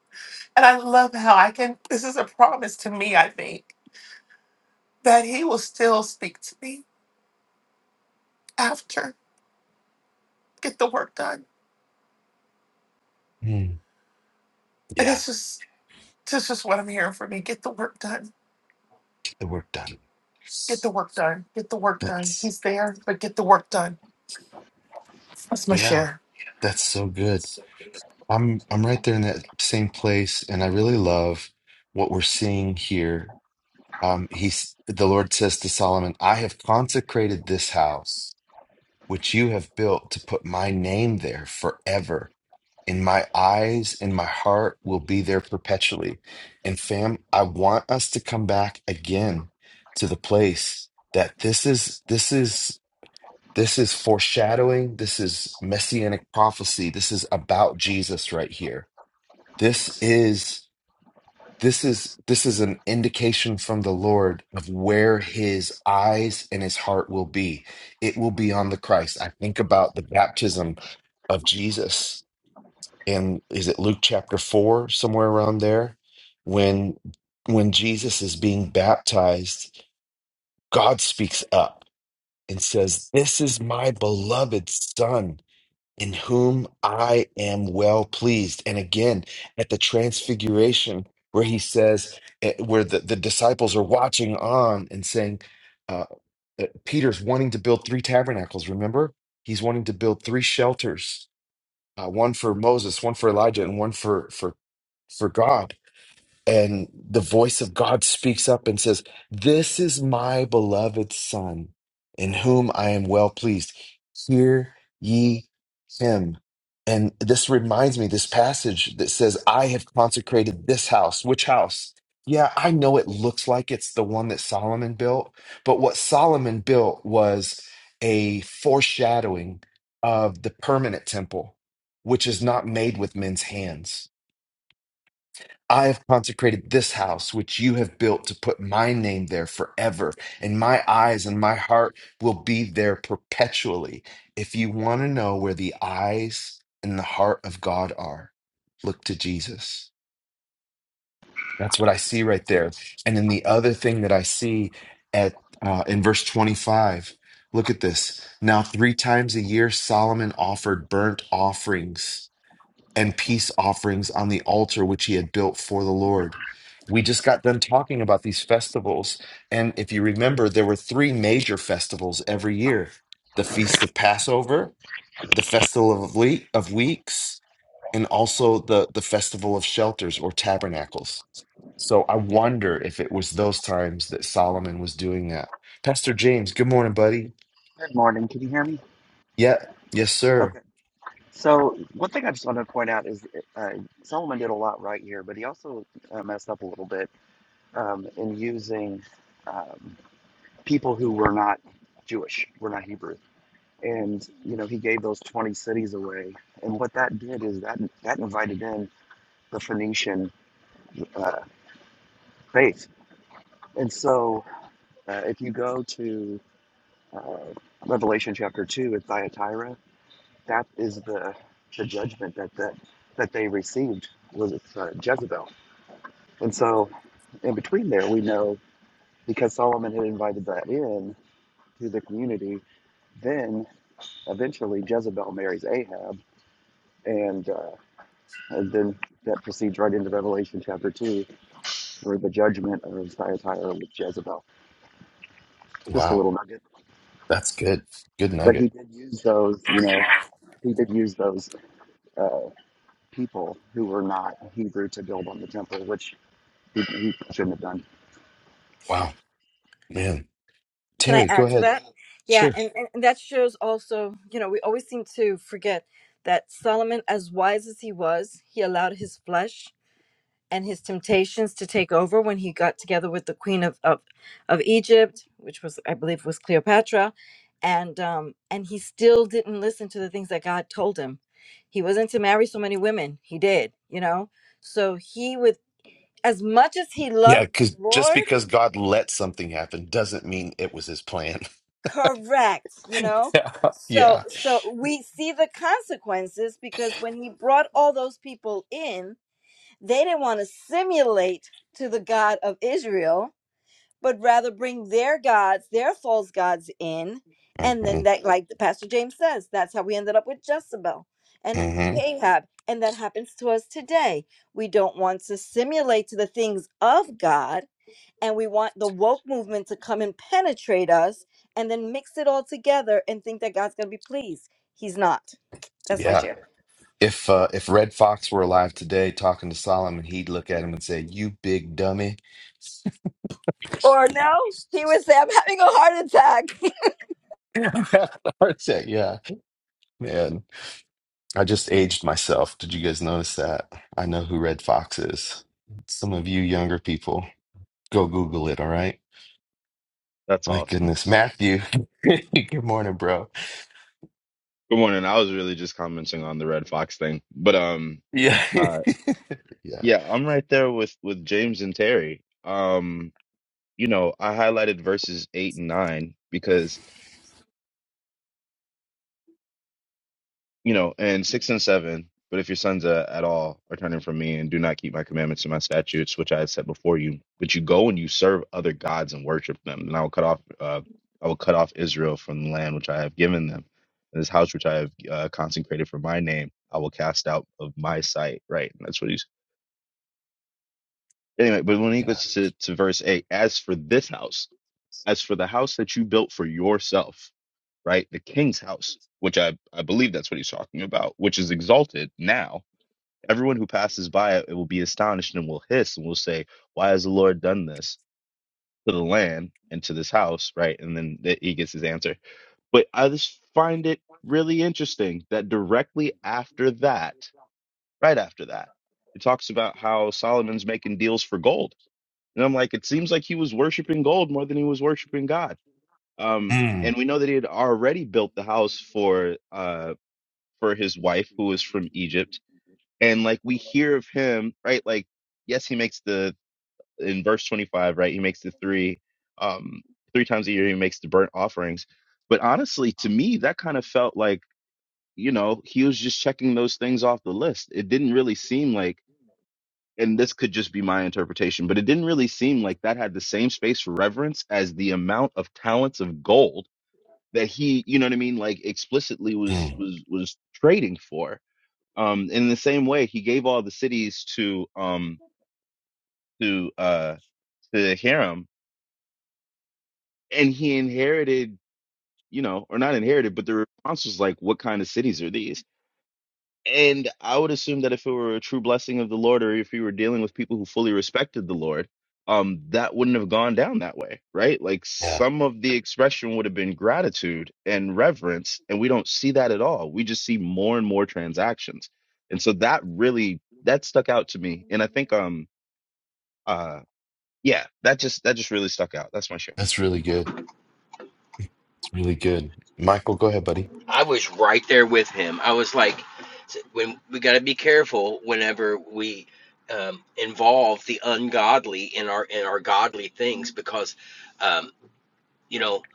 [SPEAKER 1] And I love how I can, this is a promise to me, I think, that He will still speak to me after, get the work done.
[SPEAKER 2] Hmm.
[SPEAKER 1] And
[SPEAKER 2] Yeah.
[SPEAKER 1] that's just, that's just what I'm hearing from me. Get the work done.
[SPEAKER 2] Get the work done.
[SPEAKER 1] Get the work done. Get the work done.
[SPEAKER 2] That's,
[SPEAKER 1] He's there, but get the work done. That's my
[SPEAKER 2] yeah.
[SPEAKER 1] share.
[SPEAKER 2] That's so good. I'm I'm right there in that same place, and I really love what we're seeing here Um, he's the Lord says to Solomon, I have consecrated this house which you have built to put my name there forever. In my eyes and my heart will be there perpetually. And fam, I want us to come back again to the place that this is this is this is foreshadowing, this is messianic prophecy. This is about Jesus right here. This is this is this is an indication from the lord of where his eyes and his heart will be it will be on the christ i think about the baptism of jesus and is it luke chapter 4 somewhere around there when when jesus is being baptized god speaks up and says this is my beloved son in whom I am well pleased. And again, at the transfiguration, where he says, eh, where the, the disciples are watching on and saying, uh, eh, Peter's wanting to build three tabernacles, remember? He's wanting to build three shelters, uh, one for Moses, one for Elijah, and one for, for, for God and the voice of God speaks up and says, This is my beloved Son, in whom I am well pleased. Hear ye him. And this reminds me, this passage that says, I have consecrated this house. Which house? Yeah, I know it looks like it's the one that Solomon built, but what Solomon built was a foreshadowing of the permanent temple, which is not made with men's hands I have consecrated this house which you have built to put my name there forever, and my eyes and my heart will be there perpetually. If you want to know where the eyes and the heart of God are, look to Jesus. That's what I see right there. And then the other thing that I see at uh, in verse 25, look at this. Now, three times a year, Solomon offered burnt offerings and peace offerings on the altar which he had built for the Lord. We just got done talking about these festivals. And if you remember, there were three major festivals every year the Feast of Passover, the Festival of, Le- of Weeks, and also the, the Festival of Shelters or Tabernacles. So I wonder if it was those times that Solomon was doing that. Pastor James, good morning, buddy.
[SPEAKER 8] Good morning. Can you hear me?
[SPEAKER 2] Yeah, yes, sir.
[SPEAKER 8] Okay. So one thing I just want to point out is uh, Solomon did a lot right here, but he also uh, messed up a little bit um, in using um, people who were not Jewish, were not Hebrew, and you know he gave those twenty cities away, and what that did is that that invited in the Phoenician uh, faith, and so uh, if you go to uh, Revelation chapter 2 at Thyatira, That is the the judgment that that, that they received was uh, Jezebel. And so, in between there, we know because Solomon had invited that in to the community. Then eventually Jezebel marries Ahab, and, uh, and then that proceeds right into Revelation chapter two, where the judgment of Thyatira with Jezebel. Just a
[SPEAKER 2] Wow,
[SPEAKER 8] little nugget,
[SPEAKER 2] that's good. Good
[SPEAKER 8] but
[SPEAKER 2] nugget.
[SPEAKER 8] he did use those, you know. He did use those uh, people who were not Hebrew to build on the temple, which he, he shouldn't have done.
[SPEAKER 2] Wow, man.
[SPEAKER 4] Can I
[SPEAKER 2] Terry, go
[SPEAKER 4] add to
[SPEAKER 2] ahead.
[SPEAKER 4] that? Yeah,
[SPEAKER 2] Sure.
[SPEAKER 4] and, and and that shows also, you know, we always seem to forget that Solomon, as wise as he was, he allowed his flesh and his temptations to take over when he got together with the queen of of, of Egypt, which was I believe was Cleopatra, and um and he still didn't listen to the things that God told him. He wasn't to marry so many women. He did, you know. So he with as much as he
[SPEAKER 2] Yeah,
[SPEAKER 4] loved the
[SPEAKER 2] because just
[SPEAKER 4] Lord
[SPEAKER 2] because God let something happen doesn't mean it was his plan. [LAUGHS]
[SPEAKER 4] Correct, you know?
[SPEAKER 2] Yeah.
[SPEAKER 4] So
[SPEAKER 2] Yeah.
[SPEAKER 4] so we see the consequences because when he brought all those people in, they didn't want to simulate to the God of Israel, but rather bring their gods, their false gods in, and
[SPEAKER 2] hmm
[SPEAKER 4] then that like the Pastor James says, that's how we ended up with Jezebel and
[SPEAKER 2] hmm
[SPEAKER 4] Ahab. And that happens to us today. We don't want to simulate to the things of God and we want the woke movement to come and penetrate us and then mix it all together and think that God's going to be pleased. He's not. That's my
[SPEAKER 2] Yeah.
[SPEAKER 4] share.
[SPEAKER 2] If uh, if Red Fox were alive today talking to Solomon, he'd look at him and say, You big dummy.
[SPEAKER 4] Or no, he would say, I'm having a heart attack. [LAUGHS]
[SPEAKER 2] [LAUGHS] yeah. [LAUGHS] Yeah. Man. I just aged myself. Did you guys notice that? I know who Red Fox is. Some of you younger people, go Google it, all right?
[SPEAKER 9] That's
[SPEAKER 2] My
[SPEAKER 9] awesome.
[SPEAKER 2] goodness. Matthew, [LAUGHS] good morning, bro.
[SPEAKER 9] Good morning. I was really just commenting on the Red Fox thing, but um,
[SPEAKER 2] Yeah. [LAUGHS]
[SPEAKER 9] uh,
[SPEAKER 2] Yeah.
[SPEAKER 9] yeah, I'm right there with with James and Terry. Um, you know, I highlighted verses eight and nine because you know, and six and seven. But if your sons uh, at all are turning from me and do not keep my commandments and my statutes, which I have set before you, but you go and you serve other gods and worship them, then I will cut off, uh, I will cut off Israel from the land which I have given them, and this house which I have uh, consecrated for my name, I will cast out of my sight. Right, and that's what he's anyway. But when he
[SPEAKER 2] Yeah.
[SPEAKER 9] goes to, to verse eight, as for this house, as for the house that you built for yourself, right? The king's house, which I, I believe that's what he's talking about, which is exalted now. Everyone who passes by it will be astonished and will hiss and will say, Why has the Lord done this to the land and to this house? Right. And then th- he gets his answer. But I just find it really interesting that directly after that, right after that, it talks about how Solomon's making deals for gold. And I'm like, it seems like he was worshiping gold more than he was worshiping God. Um,
[SPEAKER 2] Mm,
[SPEAKER 9] and we know that he had already built the house for uh, for his wife, who was from Egypt and like we hear of him right like yes he makes the in verse 25 right he makes the three um three times a year he makes the burnt offerings but honestly to me that kind of felt like you know he was just checking those things off the list it didn't really seem like and this could just be my interpretation but it didn't really seem like that had the same space for reverence as the amount of talents of gold that he you know what i mean like explicitly was
[SPEAKER 2] mm.
[SPEAKER 9] was was trading for um, in the same way, he gave all the cities to um to uh to Hiram, and he inherited, you know, or not inherited, but the response was like, "What kind of cities are these?" And I would assume that if it were a true blessing of the Lord, or if you were dealing with people who fully respected the Lord, um, that wouldn't have gone down that way, right? Like
[SPEAKER 2] Yeah.
[SPEAKER 9] some of the expression would have been gratitude and reverence, and we don't see that at all. We just see more and more transactions, and so that really that stuck out to me, and I think um Uh, yeah, that just that just really stuck out. That's my share.
[SPEAKER 2] That's really good. It's really good. Michael, go ahead, buddy.
[SPEAKER 6] I was right there with him. I was like, when we got to be careful whenever we um, involve the ungodly in our in our godly things, because um, you know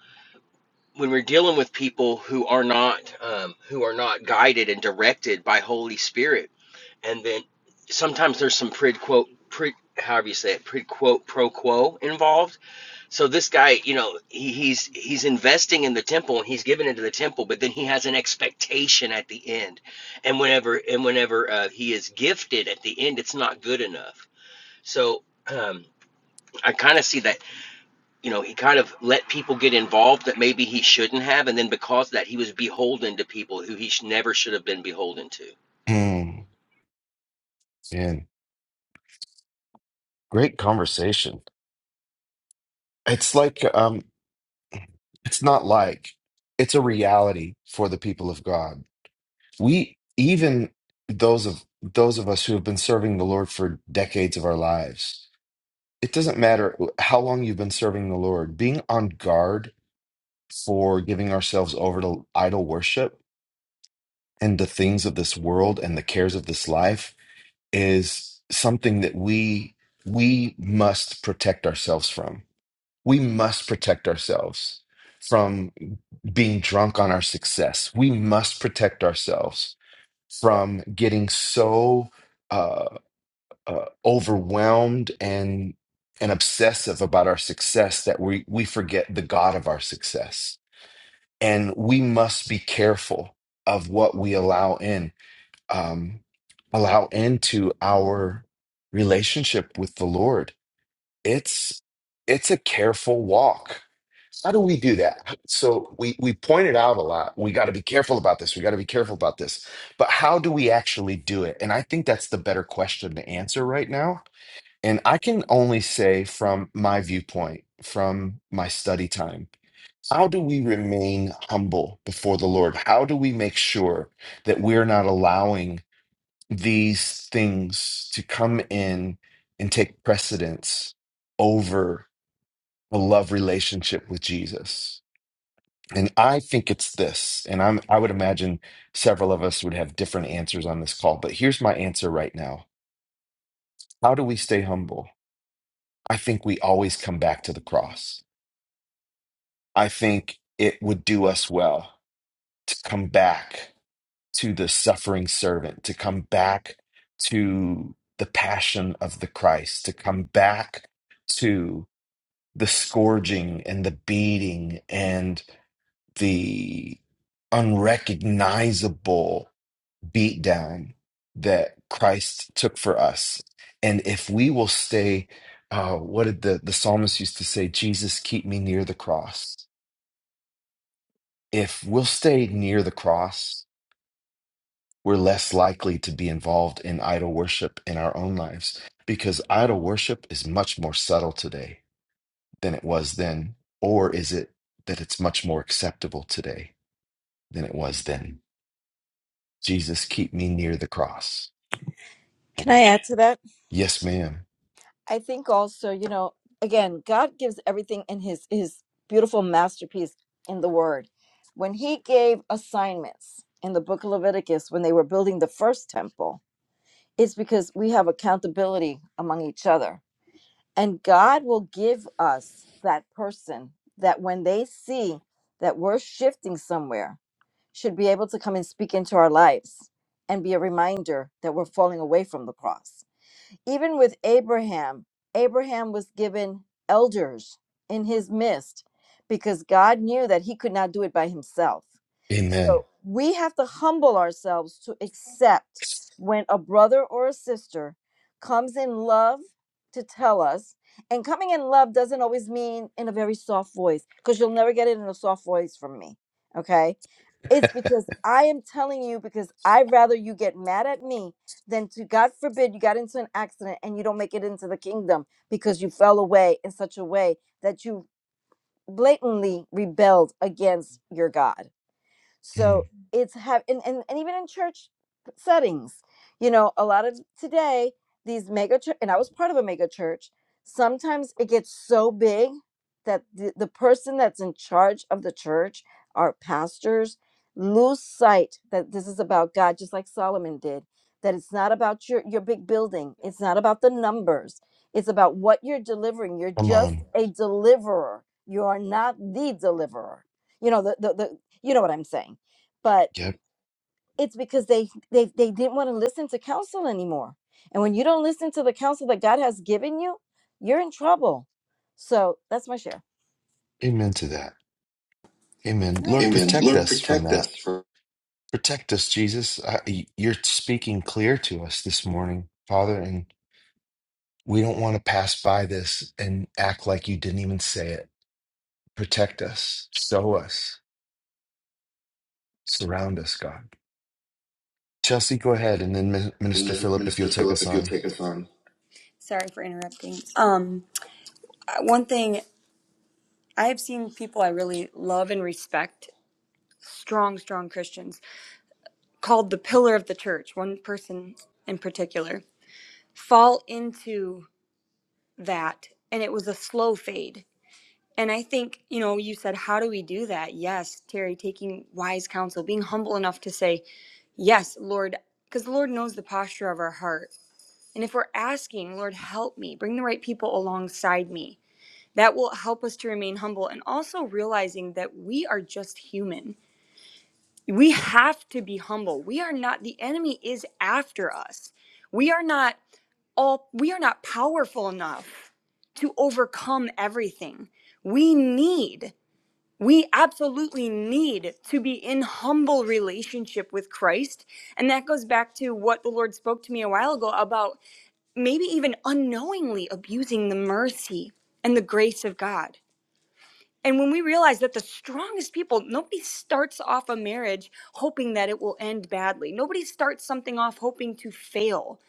[SPEAKER 6] when we're dealing with people who are not um, who are not guided and directed by Holy Spirit, and then sometimes there's some prid quo prid however you say it prid quo pro quo involved so this guy, you know, he, he's he's investing in the temple and he's giving into the temple, but then he has an expectation at the end, and whenever and whenever uh, he is gifted at the end, it's not good enough. So um, I kind of see that, you know, he kind of let people get involved that maybe he shouldn't have, and then because of that, he was beholden to people who he sh- never should have been beholden to.
[SPEAKER 2] Mm, man, great conversation. It's like, um, it's not like, it's a reality for the people of God. we even those of those of us who have been serving the Lord for decades of our lives, it doesn't matter how long you've been serving the Lord, being on guard for giving ourselves over to idol worship and the things of this world and the cares of this life is something that we we must protect ourselves from. We must protect ourselves from being drunk on our success. We must protect ourselves from getting so uh, uh, overwhelmed and and obsessive about our success that we we forget the God of our success, and we must be careful of what we allow in um, allow into our relationship with the Lord it's it's a careful walk. How do we do that? So we we pointed out a lot. We got to be careful about this. We got to be careful about this. But how do we actually do it? And I think that's the better question to answer right now. And I can only say from my viewpoint, from my study time, how do we remain humble before the Lord? How do we make sure that we're not allowing these things to come in and take precedence over a love relationship with Jesus. And I think it's this, and I'm I would imagine several of us would have different answers on this call, but here's my answer right now. How do we stay humble? I think we always come back to the cross. I think it would do us well to come back to the suffering servant, to come back to the passion of the Christ, to come back to the scourging and the beating and the unrecognizable beatdown that Christ took for us. And if we will stay, uh, what did the, the psalmist used to say? Jesus, keep me near the cross. If we'll stay near the cross, we're less likely to be involved in idol worship in our own lives because idol worship is much more subtle today than it was then. Or is it that it's much more acceptable today than it was then? Jesus, keep me near the cross.
[SPEAKER 4] Can I
[SPEAKER 2] Man.
[SPEAKER 4] add to that?
[SPEAKER 2] Yes, ma'am.
[SPEAKER 4] I think also, you know, again, God gives everything in his his beautiful masterpiece in the word. When he gave assignments in the book of Leviticus when they were building the first temple, it's because we have accountability among each other And God will give us that person that when they see that we're shifting somewhere, should be able to come and speak into our lives and be a reminder that we're falling away from the cross. Even with Abraham, Abraham was given elders in his midst because God knew that he could not do it by himself. So
[SPEAKER 2] Amen.
[SPEAKER 4] we have to humble ourselves to accept when a brother or a sister comes in love to tell us. And coming in love doesn't always mean in a very soft voice because you'll never get it in a soft voice from me. Okay. It's because I am telling you because I'd rather you get mad at me then to God forbid you got into an accident and you don't make it into the kingdom because you fell away in such a way that you blatantly rebelled against your God.
[SPEAKER 2] Mm,
[SPEAKER 4] So it's have and, and, and even in church settings, you know, a lot of today, these mega church and I was part of a mega church, sometimes it gets so big that the, the person that's in charge of the church, our pastors, lose sight that this is about God, just like Solomon did. That it's not about your, your big building. It's not about the numbers. It's about what you're delivering. You're
[SPEAKER 2] Come
[SPEAKER 4] just
[SPEAKER 2] on.
[SPEAKER 4] a deliverer. You are not the deliverer you know the, the, the you know what i'm saying but
[SPEAKER 2] Yep.
[SPEAKER 4] it's because they they, they didn't want to listen to counsel anymore and when you don't listen to the counsel that god has given you you're in trouble so that's my share
[SPEAKER 2] Amen to that. Amen.
[SPEAKER 10] Nice.
[SPEAKER 2] Lord,
[SPEAKER 10] Amen.
[SPEAKER 2] protect
[SPEAKER 10] Lord,
[SPEAKER 2] us from
[SPEAKER 10] protect us
[SPEAKER 2] that.
[SPEAKER 10] from
[SPEAKER 2] Protect us, Jesus. I, you're speaking clear to us this morning, Father, and We don't want to pass by this and act like you didn't even say it. Protect us, show us, surround us, God. Chelsea, go ahead. And then Min- Minister Philip, if you'll
[SPEAKER 10] Minister
[SPEAKER 2] take
[SPEAKER 10] Philip,
[SPEAKER 2] us
[SPEAKER 10] if you'll
[SPEAKER 2] on.
[SPEAKER 10] take us on. Sorry for interrupting. Um, uh, one thing I've seen people I really love and respect, strong, strong Christians, called the pillar of the church, one person in particular, fall into that. And it was a slow fade. And I think, you know, you said, how do we do that? Yes, Terry, taking wise counsel, being humble enough to say, yes, Lord, because the Lord knows the posture of our heart. And if we're asking, Lord, help me, bring the right people alongside me, that will help us to remain humble and also realizing that we are just human. We have to be humble. We are not, the enemy is after us. We are not all, we are not powerful enough to overcome everything. We need, we absolutely need to be in humble relationship with Christ. And that goes back to what the Lord spoke to me a while ago about maybe even unknowingly abusing the mercy and the grace of God. And when we realize that the strongest people, nobody starts off a marriage hoping that it will end badly. Nobody starts something off hoping to fail.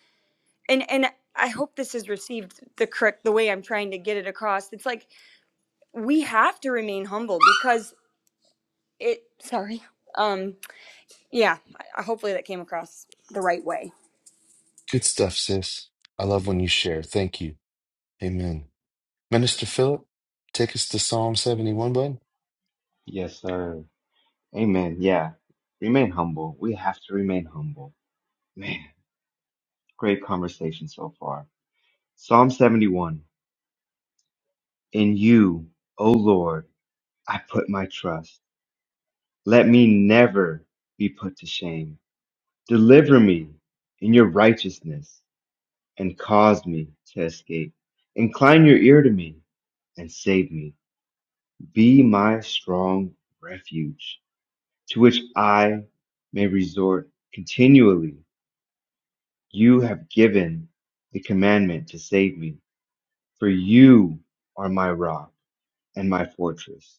[SPEAKER 10] And and I hope this is received the correct the way I'm trying to get it across. It's like we have to remain humble because it sorry. Um yeah, I- hopefully that came across the right way.
[SPEAKER 2] Good stuff, sis. I love when you share. Thank you. Amen. Minister Philip, take us to Psalm 71, bud.
[SPEAKER 11] Yes, sir. Amen. Yeah. Remain humble. We have to remain humble. Man, great conversation so far. Psalm 71. In you, O Lord, I put my trust. Let me never be put to shame. Deliver me in your righteousness and cause me to escape. Incline your ear to me and save me. Be my strong refuge to which I may resort continually You have given the commandment to save me, for you are my rock and my fortress.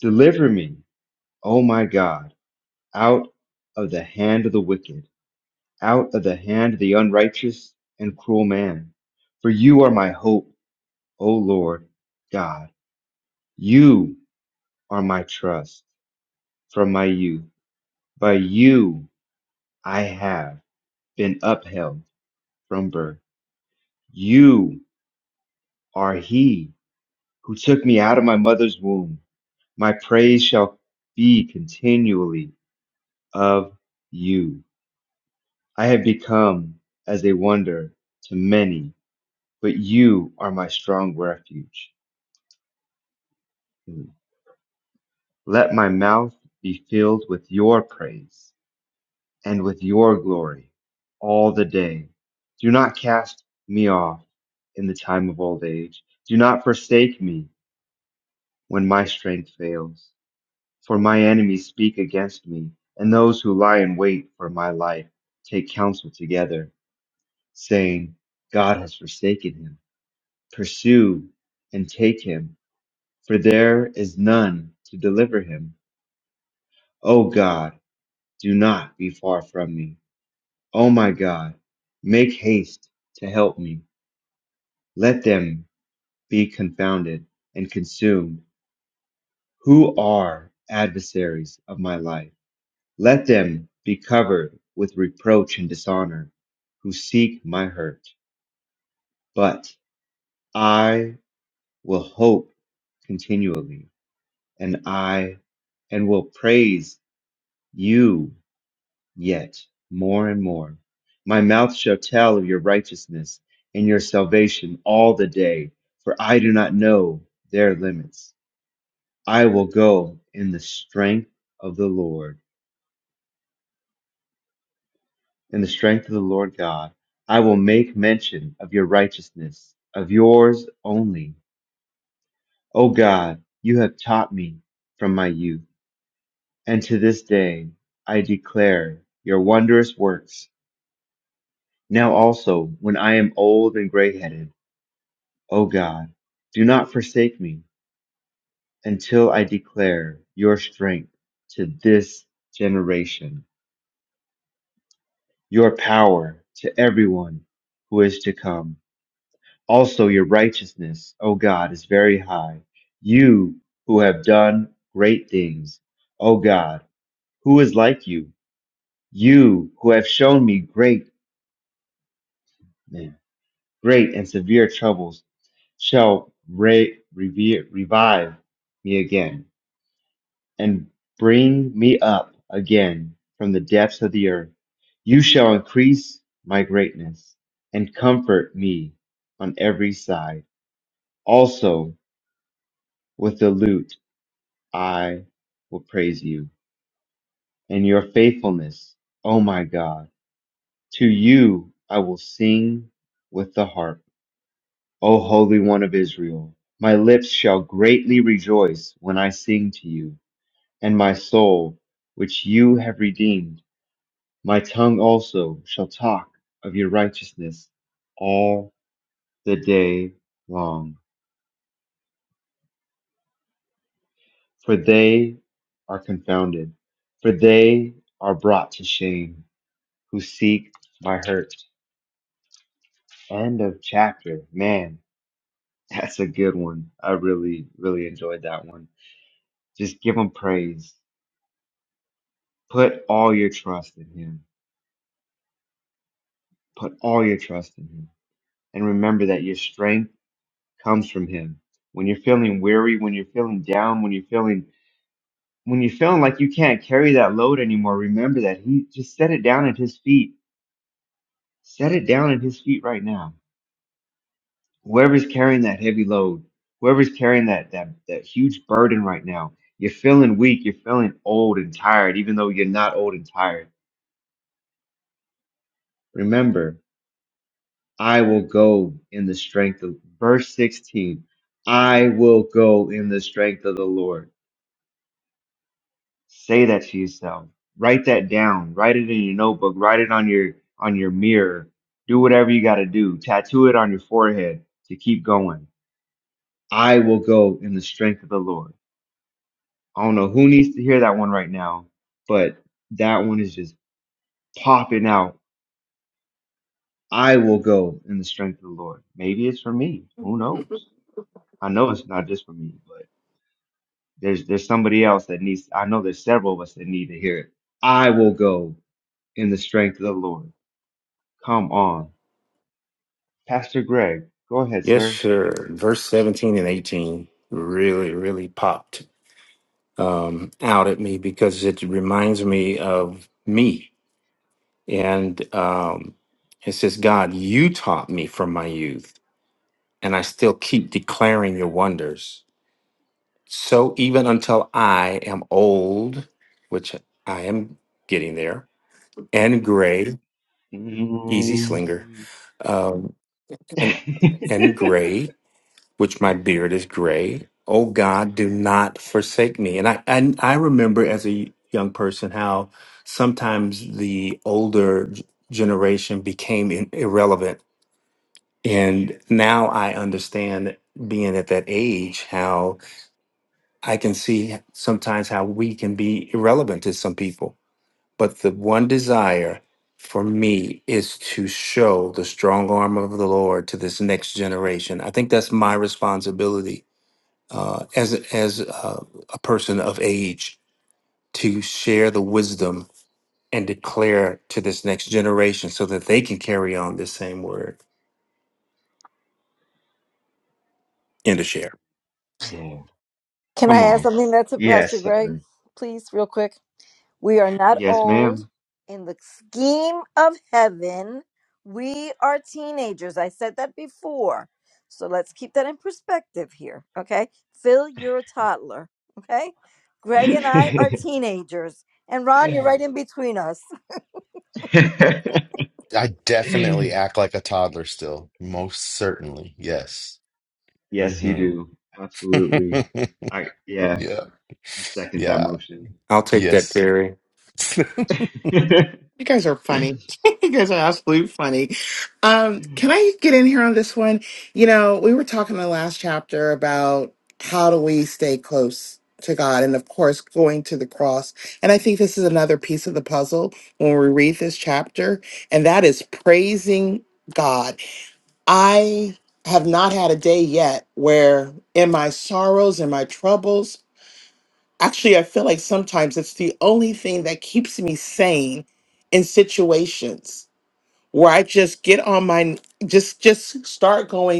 [SPEAKER 11] Deliver me, O my God, out of the hand of the wicked, out of the hand of the unrighteous and cruel man. For you are my hope, O Lord God. You are my trust from my youth. By you I have been upheld from birth. You are he who took me out of my mother's womb. My praise shall be continually of you. I have become as a wonder to many, but you are my strong refuge. Let my mouth be filled with your praise and with your glory all the day. Do not cast me off in the time of old age. Do not forsake me when my strength fails. For my enemies speak against me, and those who lie in wait for my life take counsel together, saying, God has forsaken him. Pursue and take him, for there is none to deliver him. O God, do not be far from me. O my God, make haste to help me. Let them be confounded and consumed, who are adversaries of my life. Let them be covered with reproach and dishonor who seek my hurt. But I will hope continually, and I and will praise you yet more and more. My mouth shall tell of your righteousness and your salvation all the day, for I do not know their limits. I will go in the strength of the Lord. in the strength of the Lord God. I will make mention of your righteousness, of yours only. O God, you have taught me from my youth, and to this day I declare your wondrous works. Now also, when I am old and gray headed, O God, do not forsake me until I declare your strength to this generation, your power to everyone who is to come. Also, your righteousness, O God, is very high. You who have done great things, O God, who is like you? You who have shown me great, great and severe troubles, shall re- revere, revive me again and bring me up again from the depths of the earth. You shall increase my greatness and comfort me on every side. Also, with the lute. I will praise you and your faithfulness, O my God. To you I will sing with the harp, O Holy One of Israel. My lips shall greatly rejoice when I sing to you, and my soul, which you have redeemed, my tongue also shall talk of your righteousness all the day long. For they are confounded, for they are brought to shame who seek my hurt. End of chapter. Man, [LAUGHS] that's a good one. I really, really enjoyed that one. Just give him praise. Put all your trust in him. Put all your trust in him. And remember that your strength comes from him. When you're feeling weary, when you're feeling down, when you're feeling when you're feeling like you can't carry that load anymore, remember that he just set it down at his feet. Set it down at his feet right now whoever's carrying that heavy load, whoever's carrying that that that huge burden right now, you're feeling weak, you're feeling old and tired, even though you're not old and tired. Remember, I will go in the strength of verse 16. I will go in the strength of the Lord. Say that to yourself. Write that down. Write it in your notebook. Write it on your on your mirror. Do whatever you got to do. Tattoo it on your forehead to keep going. I will go in the strength of the Lord. I don't know who needs to hear that one right now, but that one is just popping out. I will go in the strength of the Lord. Maybe it's for me. Who knows? I know it's not just for me, but there's there's somebody else that needs. I know there's several of us that need to hear it. I will go in the strength of the Lord. Come on, Pastor Greg, go ahead,
[SPEAKER 12] Yes,
[SPEAKER 11] sir.
[SPEAKER 12] sure. Verse 17 and 18 really, really popped um, out at me because it reminds me of me. And um, it says, God, you taught me from my youth, and I still keep declaring your wonders. So even until I am old, which I am getting there, and gray, easy slinger,
[SPEAKER 11] Mm.
[SPEAKER 12] um, and,
[SPEAKER 11] [LAUGHS]
[SPEAKER 12] and gray, which my beard is gray. O God, do not forsake me. And I, I, I remember as a young person how sometimes the older g- generation became in, irrelevant. And now I understand being at that age how I can see sometimes how we can be irrelevant to some people. But the one desire for me is to show the strong arm of the Lord to this next generation. I think that's my responsibility uh, as as uh, a person of age to share the wisdom and declare to this next generation so that they can carry on this same word and to share.
[SPEAKER 11] yeah,
[SPEAKER 4] Can I
[SPEAKER 11] come
[SPEAKER 4] add
[SPEAKER 11] on.
[SPEAKER 4] something that's Pastor
[SPEAKER 11] Yes, sir.
[SPEAKER 4] Greg, please, real quick? We are not
[SPEAKER 11] Yes,
[SPEAKER 4] old
[SPEAKER 11] ma'am.
[SPEAKER 4] in the scheme of heaven. We are teenagers. I said that before. So let's keep that in perspective here. Okay. Phil, you're a toddler. Okay. Greg and I are teenagers. And Ron, you're
[SPEAKER 11] [LAUGHS]
[SPEAKER 4] right in between us.
[SPEAKER 2] I
[SPEAKER 11] [CLEARS THROAT]
[SPEAKER 2] definitely act like a toddler still. Most certainly. Yes.
[SPEAKER 11] Yes, you
[SPEAKER 2] hmm
[SPEAKER 11] do.
[SPEAKER 2] [LAUGHS]
[SPEAKER 11] Absolutely. I yeah,
[SPEAKER 2] yeah.
[SPEAKER 11] I second that
[SPEAKER 2] Yeah.
[SPEAKER 4] [LAUGHS]
[SPEAKER 11] motion.
[SPEAKER 12] I'll take that,
[SPEAKER 2] Yes.
[SPEAKER 12] Terry.
[SPEAKER 2] [LAUGHS]
[SPEAKER 11] [LAUGHS]
[SPEAKER 1] You guys are funny. [LAUGHS] you guys are absolutely funny. Um, can I get in here on this one? You know, we were talking in the last chapter about how do we stay close to God and of course going to the cross. And I think this is another piece of the puzzle when we read this chapter, and that is praising God. I have not had a day yet where in my sorrows and my troubles Actually, I feel like sometimes it's the only thing that keeps me sane in situations where I just get on my just just start going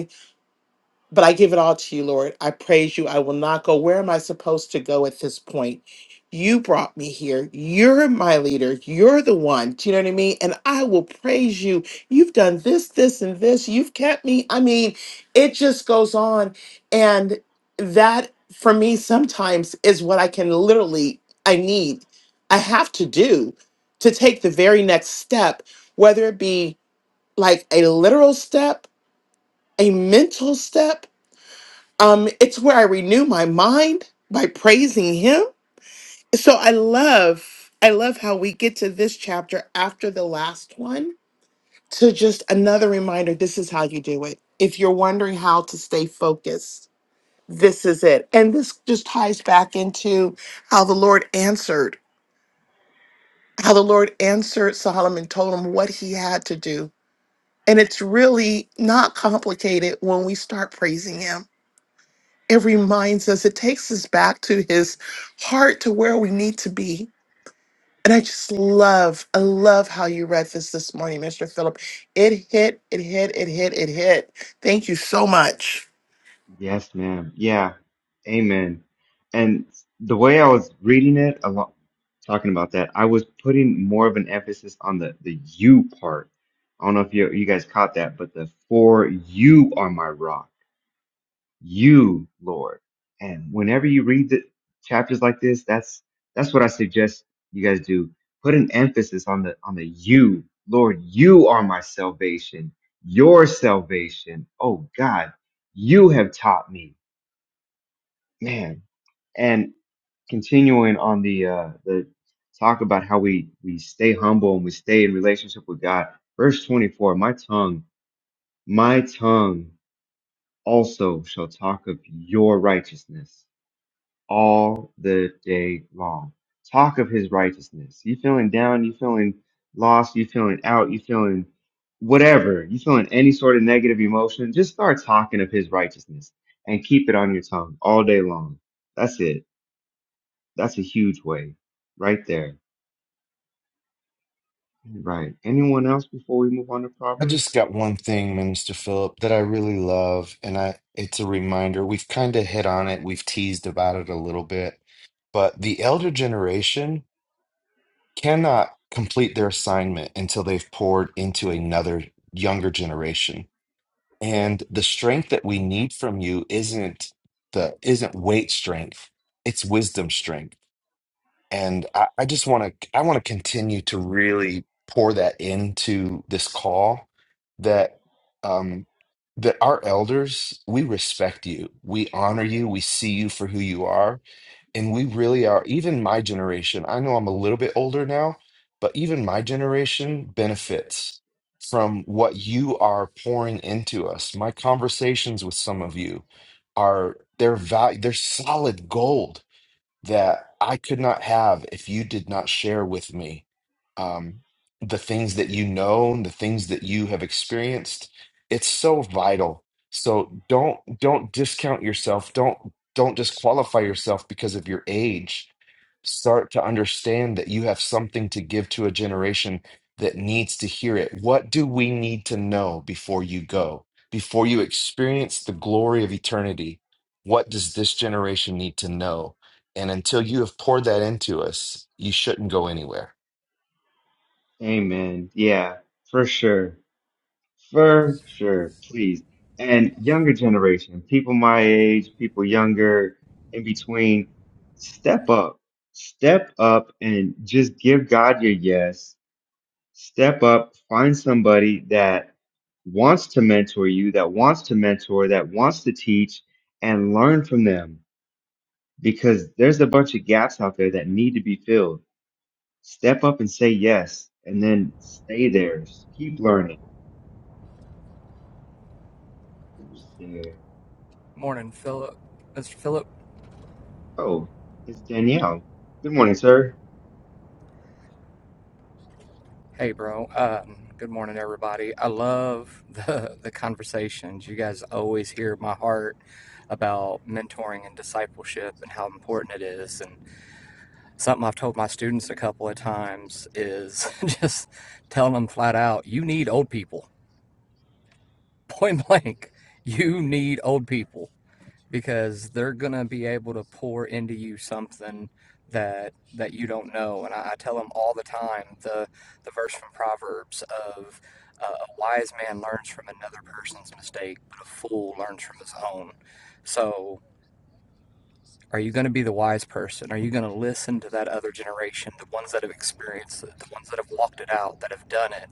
[SPEAKER 1] but I give it all to you, Lord. I praise you. I will not go. Where am I supposed to go at this point? You brought me here. You're my leader. You're the one. Do you know what I mean? And I will praise you. You've done this, this, and this. You've kept me. I mean, it just goes on. And that for me sometimes is what I can literally, I need, I have to do to take the very next step, whether it be like a literal step, a mental step, um it's where i renew my mind by praising him so i love i love how we get to this chapter after the last one to just another reminder this is how you do it if you're wondering how to stay focused this is it and this just ties back into how the lord answered how the lord answered solomon told him what he had to do and it's really not complicated when we start praising him It reminds us, it takes us back to his heart to where we need to be. And I just love, I love how you read this this morning, Mr. Phillip. It hit, it hit, it hit, it hit. Thank you so much.
[SPEAKER 11] Yes, ma'am. Yeah. Amen. And the way I was reading it a lot talking about that, I was putting more of an emphasis on the the you part. I don't know if you you guys caught that, but the for you are my rock. you, Lord. And whenever you read the chapters like this, that's that's what I suggest you guys do. Put an emphasis on the on the you, Lord. You are my salvation, your salvation. Oh God, you have taught me, man. And continuing on the uh, the talk about how we we stay humble and we stay in relationship with God. Verse twenty four. My tongue, my tongue also shall talk of your righteousness all the day long. Talk of his righteousness. You feeling down, you feeling lost, you feeling out, you feeling whatever, you feeling any sort of negative emotion, just start talking of his righteousness and keep it on your tongue all day long. That's it. That's a huge way right there. Right. Anyone else before we move on to
[SPEAKER 2] I just
[SPEAKER 11] Proverbs?
[SPEAKER 2] got one thing, Minister Philip, that I really love, and I it's a reminder. We've kind of hit on it, we've teased about it a little bit, but the elder generation cannot complete their assignment until they've poured into another younger generation. And the strength that we need from you isn't the isn't weight strength, it's wisdom strength and I, I just want to I want to continue to really pour that into this call that um that our elders we respect you we honor you we see you for who you are and we really are even my generation I know I'm a little bit older now but even my generation benefits from what you are pouring into us my conversations with some of you are they're value they're solid gold that I could not have if you did not share with me um, the things that you know and the things that you have experienced. It's so vital. So don't don't discount yourself. Don't don't disqualify yourself because of your age. Start to understand that you have something to give to a generation that needs to hear it. What do we need to know before you go? Before you experience the glory of eternity, what does this generation need to know? And until you have poured that into us, you shouldn't go anywhere.
[SPEAKER 11] Amen. Yeah, for sure. For sure, please. And younger generation, people my age, people younger, in between, step up. Step up and just give God your yes. Step up, find somebody that wants to mentor you, that wants to mentor, that wants to teach, and learn from them because there's a bunch of gaps out there that need to be filled. Step up and say yes, and then stay there. Keep learning.
[SPEAKER 13] Morning, Philip. Mr. Philip.
[SPEAKER 11] Oh, it's Danielle. Good morning, sir.
[SPEAKER 13] Hey, bro. Um, good morning, everybody. I love the [LAUGHS] the conversations. You guys always hear my heart about mentoring and discipleship and how important it is. And something I've told my students a couple of times is [LAUGHS] just telling them flat out, you need old people. [LAUGHS] Point blank, you need old people because they're gonna be able to pour into you something that that you don't know. And I, I tell them all the time the the verse from Proverbs of uh, a wise man learns from another person's mistake, but a fool learns from his own. So are you going to be the wise person? Are you going to listen to that other generation, the ones that have experienced it, the ones that have walked it out, that have done it?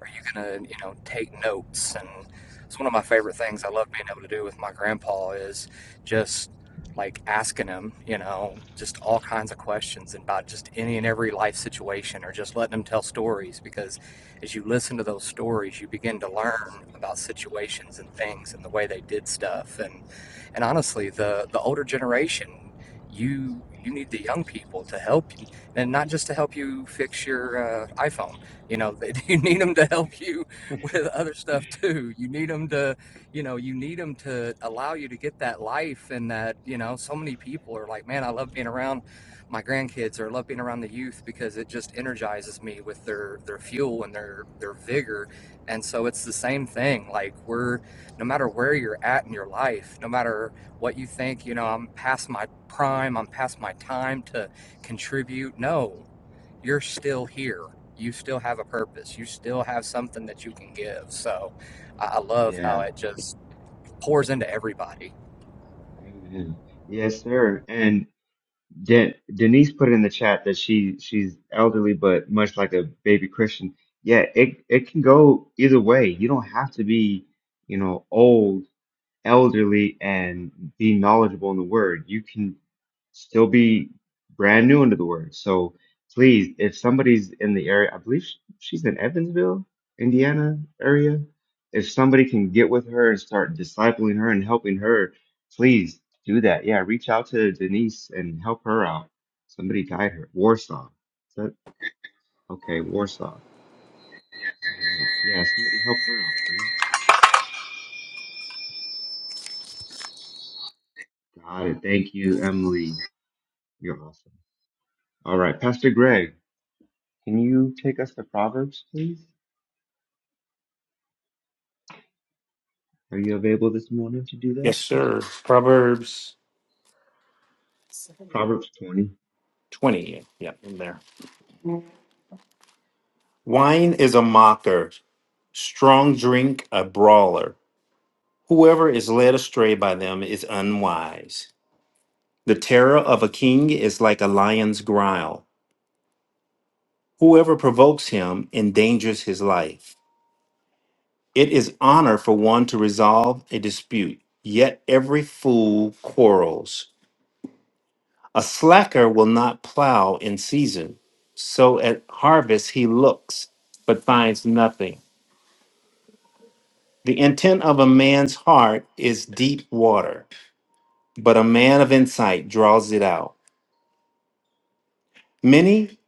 [SPEAKER 13] Are you going to, you know, take notes? And it's one of my favorite things I love being able to do with my grandpa is just like asking him, you know, just all kinds of questions about just any and every life situation or just letting him tell stories because as you listen to those stories, you begin to learn about situations and things and the way they did stuff. And and honestly, the the older generation, you you need the young people to help you, and not just to help you fix your uh, iPhone. You know, they, [LAUGHS] you need them to help you with other stuff too. You need them to, you know, you need them to allow you to get that life and that. You know, so many people are like, man, I love being around my grandkids or I love being around the youth because it just energizes me with their their fuel and their their vigor and so it's the same thing like we're no matter where you're at in your life, no matter what you think, you know, I'm past my prime, I'm past my time to contribute. No, you're still here. You still have a purpose. You still have something that you can give. So I I love how
[SPEAKER 11] Yeah.
[SPEAKER 13] it just pours into everybody.
[SPEAKER 11] Amen. Yes, sir. And De- Denise put in the chat that she she's elderly, but much like a baby Christian. Yeah, it it can go either way. You don't have to be, you know, old elderly and be knowledgeable in the word. You can still be brand new into the word. So please, if somebody's in the area, I believe sh- she's in Evansville, Indiana area. If somebody can get with her and start discipling her and helping her, please do that. Yeah, reach out to Denise and help her out. Somebody guide her. Warsaw. Is that okay? Warsaw. Right. Yeah, somebody help her out, please. Got it. Thank you, Emily. You're awesome. All right, Pastor Greg. Can you take us to Proverbs, please? Are you available this morning to do that?
[SPEAKER 12] Yes, sir. Proverbs
[SPEAKER 11] Proverbs 20.
[SPEAKER 12] 20. Yeah, in there. Wine is a mocker, strong drink a brawler. Whoever is led astray by them is unwise. The terror of a king is like a lion's growl. Whoever provokes him endangers his life. It is honor for one to resolve a dispute, yet every fool quarrels. A slacker will not plow in season, so at harvest he looks, but finds nothing. The intent of a man's heart is deep water, but a man of insight draws it out. Many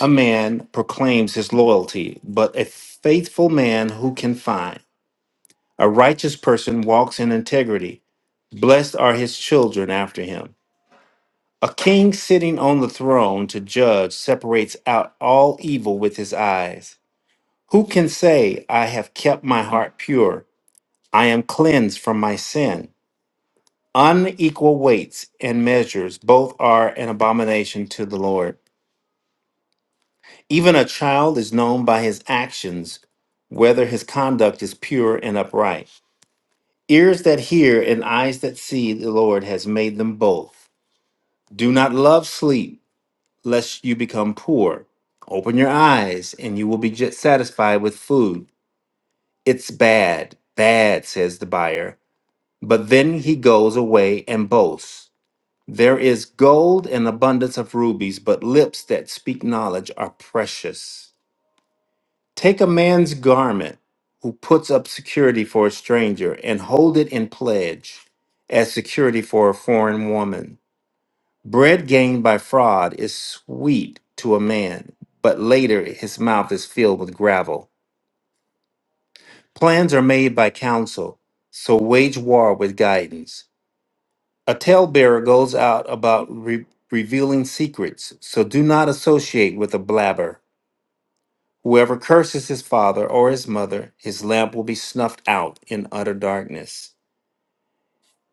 [SPEAKER 12] a man proclaims his loyalty, but a faithful man who can find? A righteous person walks in integrity. Blessed are his children after him. A king sitting on the throne to judge separates out all evil with his eyes. Who can say, I have kept my heart pure? I am cleansed from my sin. Unequal weights and measures both are an abomination to the Lord. Even a child is known by his actions, whether his conduct is pure and upright. Ears that hear and eyes that see, the Lord has made them both. Do not love sleep lest you become poor. Open your eyes, and you will be j- satisfied with food. It's bad, bad, says the buyer. But then he goes away and boasts. There is gold and abundance of rubies, but lips that speak knowledge are precious. Take a man's garment who puts up security for a stranger and hold it in pledge as security for a foreign woman. Bread gained by fraud is sweet to a man, but later his mouth is filled with gravel. Plans are made by counsel, so wage war with guidance. A talebearer goes out about re- revealing secrets, so do not associate with a blabber. Whoever curses his father or his mother, his lamp will be snuffed out in utter darkness.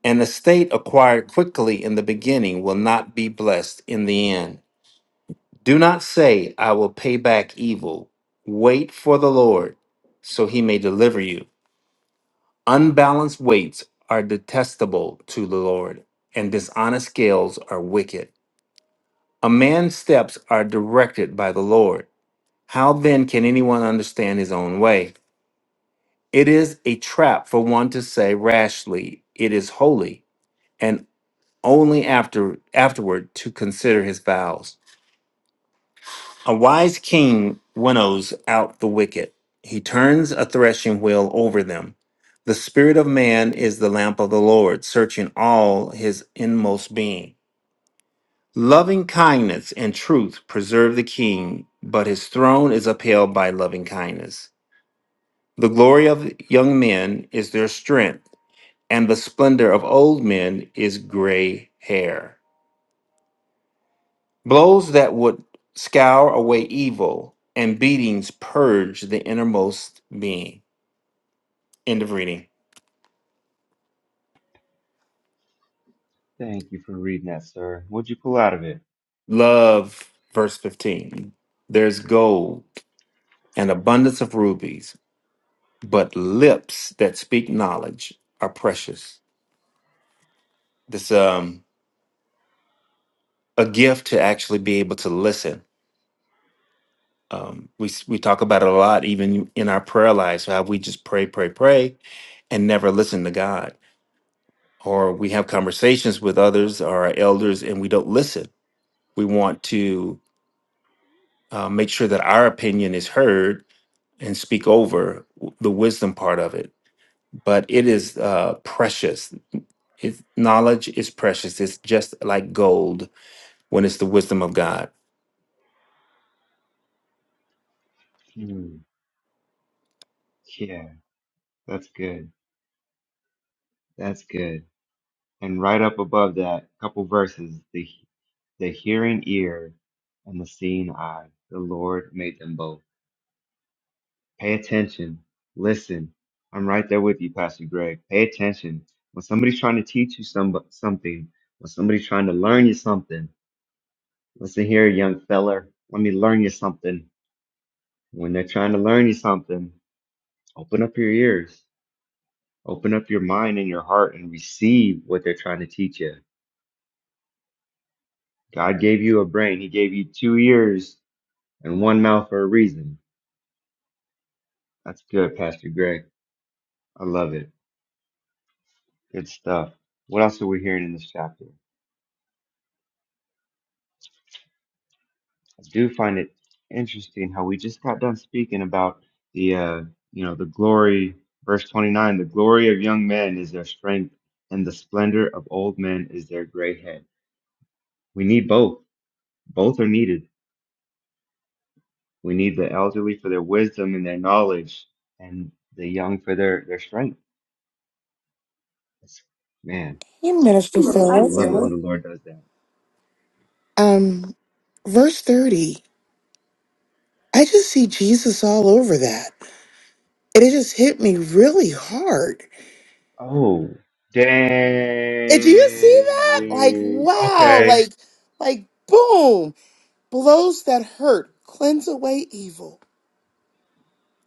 [SPEAKER 12] An estate acquired quickly in the beginning will not be blessed in the end. Do not say, I will pay back evil. Wait for the Lord, so he may deliver you. Unbalanced weights are detestable to the Lord, and dishonest scales are wicked. A man's steps are directed by the Lord. How then can anyone understand his own way? It is a trap for one to say rashly, It is holy, and only after afterward to consider his vows. A wise king winnows out the wicked. He turns a threshing wheel over them. The spirit of man is the lamp of the Lord, searching all his inmost being. Loving kindness and truth preserve the king, but his throne is upheld by loving kindness. The glory of young men is their strength, and the splendor of old men is gray hair. Blows that would scour away evil and beatings purge the innermost being. End of reading.
[SPEAKER 11] Thank you for reading that, sir. What'd you pull out of it?
[SPEAKER 12] Love, verse 15. There's gold and abundance of rubies, but lips that speak knowledge are precious. This um a gift to actually be able to listen. Um, we s- we talk about it a lot, even in our prayer lives. How we just pray, pray, pray, and never listen to God or we have conversations with others or our elders and we don't listen. We want to uh, make sure that our opinion is heard and speak over w- the wisdom part of it. But it is uh, precious. It, knowledge is precious. It's just like gold when it's the wisdom of God.
[SPEAKER 11] Hmm. Yeah, that's good. That's good. And right up above that, couple verses, the the hearing ear and the seeing eye. The Lord made them both. Pay attention. Listen. I'm right there with you, Pastor Greg. Pay attention. When somebody's trying to teach you some something, when somebody's trying to learn you something, Listen here, young feller. Let me learn you something. When they're trying to learn you something, open up your ears, open up your mind and your heart, and receive what they're trying to teach you. God gave you a brain, He gave you two ears and one mouth for a reason. That's good, Pastor Greg. I love it. Good stuff. What else are we hearing in this chapter? do find it interesting how we just got done speaking about the uh you know the glory verse 29 the glory of young men is their strength and the splendor of old men is their gray head we need both both are needed we need the elderly for their wisdom and their knowledge and the young for their their strength It's- man
[SPEAKER 1] Hey, Minister
[SPEAKER 11] i
[SPEAKER 1] Phillips.
[SPEAKER 11] love it when the lord does that
[SPEAKER 1] Um, verse 30, I just see Jesus all over that. And it just hit me really hard.
[SPEAKER 11] oh
[SPEAKER 1] And do you see that? Like,
[SPEAKER 11] dang
[SPEAKER 1] wow,
[SPEAKER 11] okay
[SPEAKER 1] like, like, boom, blows that hurt, cleanse away evil.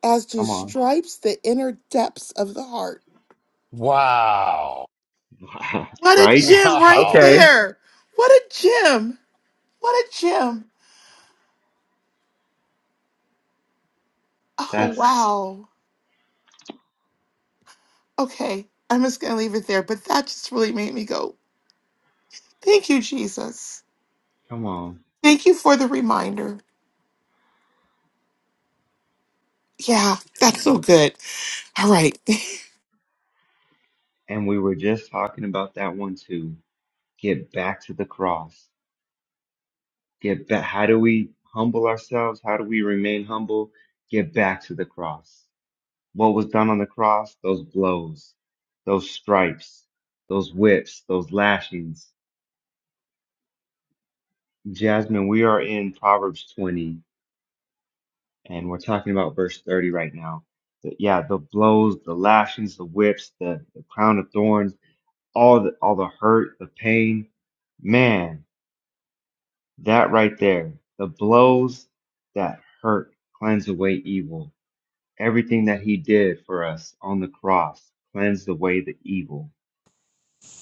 [SPEAKER 1] as do
[SPEAKER 11] come on
[SPEAKER 1] stripes the inner depths of the heart.
[SPEAKER 2] Wow. [LAUGHS]
[SPEAKER 11] [LAUGHS]
[SPEAKER 1] What a
[SPEAKER 11] right
[SPEAKER 1] gem right
[SPEAKER 2] Wow.
[SPEAKER 11] okay.
[SPEAKER 1] there! What a gem! What a gem! Oh,
[SPEAKER 11] That's
[SPEAKER 1] wow. Okay, I'm just going to leave it there, but that just really made me go, thank you, Jesus.
[SPEAKER 11] come on.
[SPEAKER 1] Thank you for the reminder. Yeah,
[SPEAKER 11] Come
[SPEAKER 1] that's so
[SPEAKER 11] on.
[SPEAKER 1] good. All right.
[SPEAKER 11] And we were just talking about that one too. Get back to the cross. Get back. How do we humble ourselves? How do we remain humble? Get back to the cross. What was done on the cross? Those blows, those stripes, those whips, those lashings. Jasmine, we are in Proverbs 20 and we're talking about verse 30 right now. The- yeah, the blows, the lashings, the whips, the, the crown of thorns all the all the hurt, the pain, man, that right there, the blows that hurt cleanse away evil. Everything that he did for us on the cross cleansed away the evil,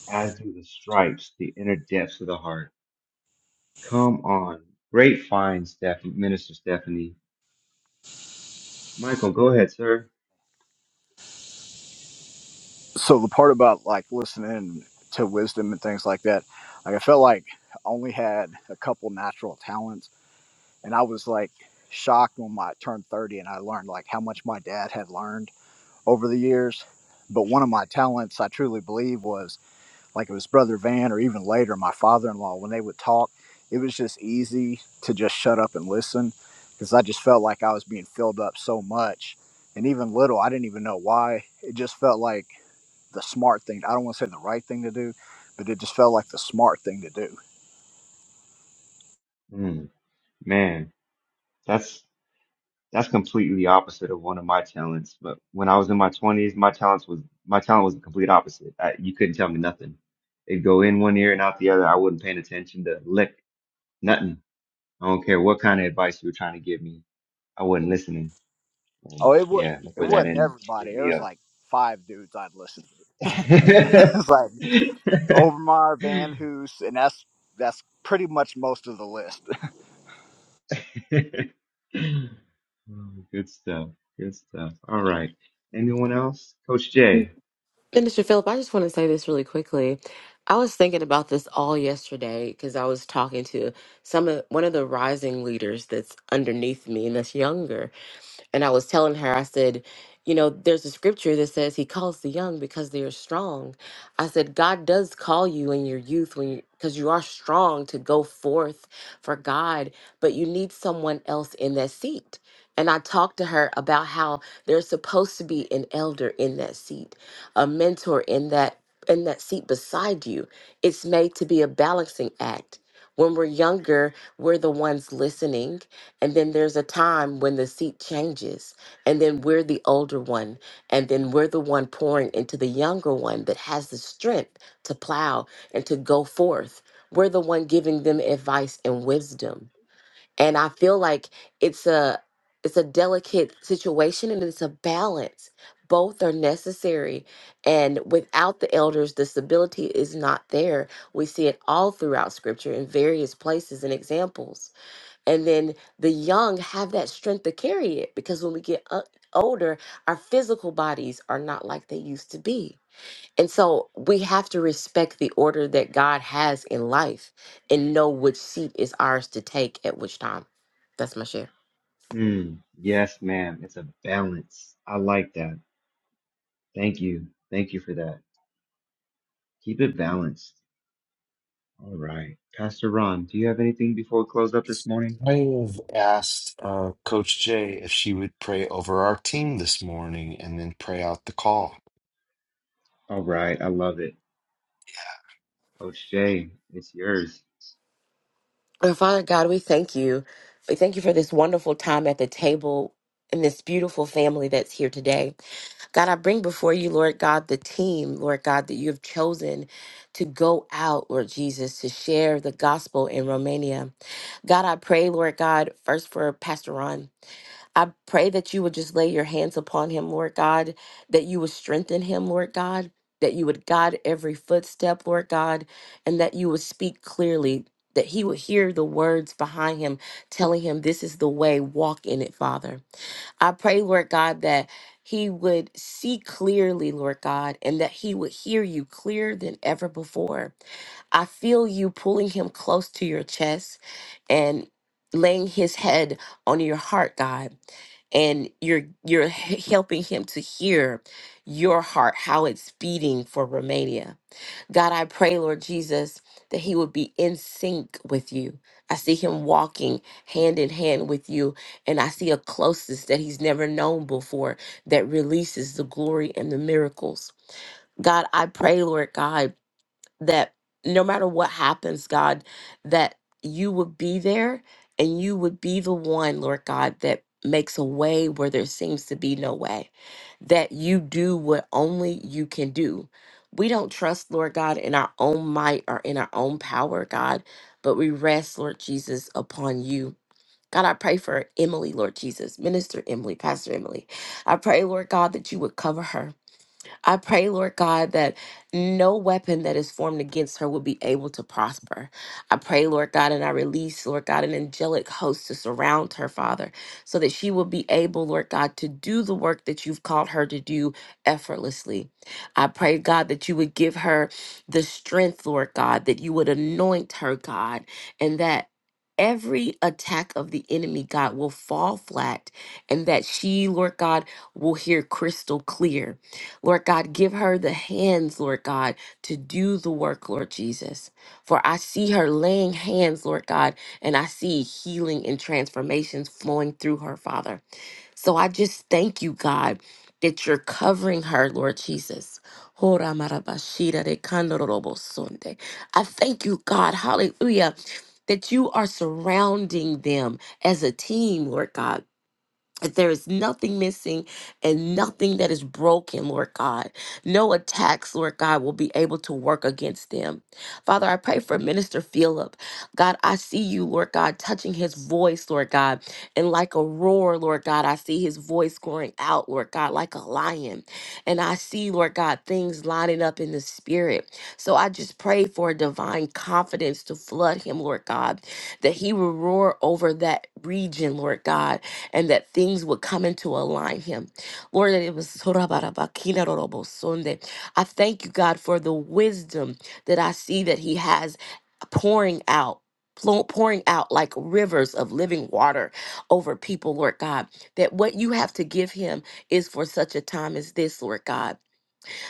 [SPEAKER 11] as do the stripes, the inner depths of the heart. Come on. Great find, Steph- Minister Stephanie. Michael, go ahead, sir.
[SPEAKER 5] So the part about like listening to wisdom and things like that, like I felt like I only had a couple natural talents and I was like shocked when I turned 30 and I learned like how much my dad had learned over the years. But one of my talents, I truly believe, was like it was Brother Van or even later my father in law, when they would talk, it was just easy to just shut up and listen because I just felt like I was being filled up so much. And even little, I didn't even know why. It just felt like the smart thing. I don't want to say the right thing to do, but it just felt like the smart thing to do.
[SPEAKER 11] Mm, man, that's That's completely opposite of one of my talents. But when I was in my twenties, my talents was my talent was the complete opposite. I, you couldn't tell me nothing. It'd go in one ear and out the other. I wasn't paying attention to lick nothing. I don't care what kind of advice you were trying to give me. I wasn't listening.
[SPEAKER 5] Oh,
[SPEAKER 11] And
[SPEAKER 5] it, was.
[SPEAKER 11] yeah, look
[SPEAKER 5] it
[SPEAKER 11] where that
[SPEAKER 5] wasn't
[SPEAKER 11] ended.
[SPEAKER 5] everybody.
[SPEAKER 11] Get
[SPEAKER 5] There
[SPEAKER 11] me
[SPEAKER 5] was
[SPEAKER 11] up.
[SPEAKER 5] like five dudes I'd listen [LAUGHS] It's like Overmar, Van Hoos, and that's that's pretty much most of the list.
[SPEAKER 11] [LAUGHS] Oh, Good stuff. Good stuff. All right. Anyone else? Coach Jay.
[SPEAKER 14] Minister Philip, I just want to say this really quickly. I was thinking about this all yesterday because I was talking to some of one of the rising leaders that's underneath me and that's younger. And I was telling her, I said, you know, there's a scripture that says he calls the young because they are strong. I said, God does call you in your youth when you because you are strong to go forth for God, but you need someone else in that seat. And I talked to her about how there's supposed to be an elder in that seat, a mentor in that in that seat beside you. It's made to be a balancing act. When we're younger, we're the ones listening and then there's a time when the seat changes, and then we're the older one, and then we're the one pouring into the younger one that has the strength to plow and to go forth. We're the one giving them advice and wisdom. And I feel like it's a it's a delicate situation and it's a balance. Both are necessary. And without the elders, the stability is not there. We see it all throughout scripture in various places and examples and then the young have that strength to carry it because when we get u- older our physical bodies are not like they used to be and so we have to respect the order that god has in life and know which seat is ours to take at which time that's my share
[SPEAKER 11] Mm, yes, ma'am. It's a balance. I like that. Thank you. Thank you for that. Keep it balanced. All right. Pastor Ron, do you have anything before we close up this morning?
[SPEAKER 2] I have asked uh, Coach Jay if she would pray over our team this morning and then pray out the call.
[SPEAKER 11] All right. I love it. Coach Jay, it's yours.
[SPEAKER 14] Our Father God, we thank you. We thank you for this wonderful time at the table and this beautiful family that's here today. God, I bring before you, Lord God, the team, Lord God, that you have chosen to go out, Lord Jesus, to share the gospel in Romania. God, I pray, Lord God, first for Pastor Ron. I pray that you would just lay your hands upon him, Lord God, that you would strengthen him, Lord God, that you would guide every footstep, Lord God, and that you would speak clearly, that he would hear the words behind him telling him, This is the way, walk in it, Father. I pray, Lord God, that he would see clearly, Lord God, and that he would hear you clearer than ever before. I feel you pulling him close to your chest and laying his head on your heart, God. And you're you're h- helping him to hear your heart, how it's beating for Romania. God, I pray, Lord Jesus, that he would be in sync with you. I see him walking hand in hand with you, and I see a closeness that he's never known before that releases the glory and the miracles. God, I pray, Lord God that no matter what happens, God, that you would be there and you would be the one, Lord God, that makes a way where there seems to be no way, that you do what only you can do. We don't trust, Lord God, in our own might or in our own power, God, but we rest, Lord Jesus, upon you. God, I pray for Emily, Lord Jesus, Minister Emily, Pastor Emily. I pray, Lord God, that you would cover her. I pray, Lord God, that no weapon that is formed against her will be able to prosper. I pray, Lord God, and I release, Lord God, an angelic host to surround her, Father, so that she will be able, Lord God, to do the work that you've called her to do effortlessly. I pray, God, that you would give her the strength, Lord God, that you would anoint her, God, and that every attack of the enemy, God, will fall flat, and that she, Lord God, will hear crystal clear Lord God, give her the hands, Lord God, to do the work, Lord Jesus. For I see her laying hands, Lord God, and I see healing and transformations flowing through her, Father. So I just thank you, God, that you're covering her, Lord Jesus. Hora marabashira de kandorobo sonde. I thank you, God, hallelujah, that you are surrounding them as a team, Lord God that there is nothing missing and nothing that is broken, Lord God. No attacks, Lord God, will be able to work against them. Father, I pray for Minister Philip. God, I see you, Lord God, touching his voice, Lord God. And like a roar, Lord God, I see his voice going out, Lord God, like a lion. And I see, Lord God, things lining up in the spirit. So I just pray for a divine confidence to flood him, Lord God, that he will roar over that region, Lord God and that things would come into align him. Lord, that it was Sorabarabakinarobosunde. I thank you, God, for the wisdom that I see that he has pouring out. flow- Pouring out like rivers of living water over people, Lord God, that what you have to give him is for such a time as this, Lord God.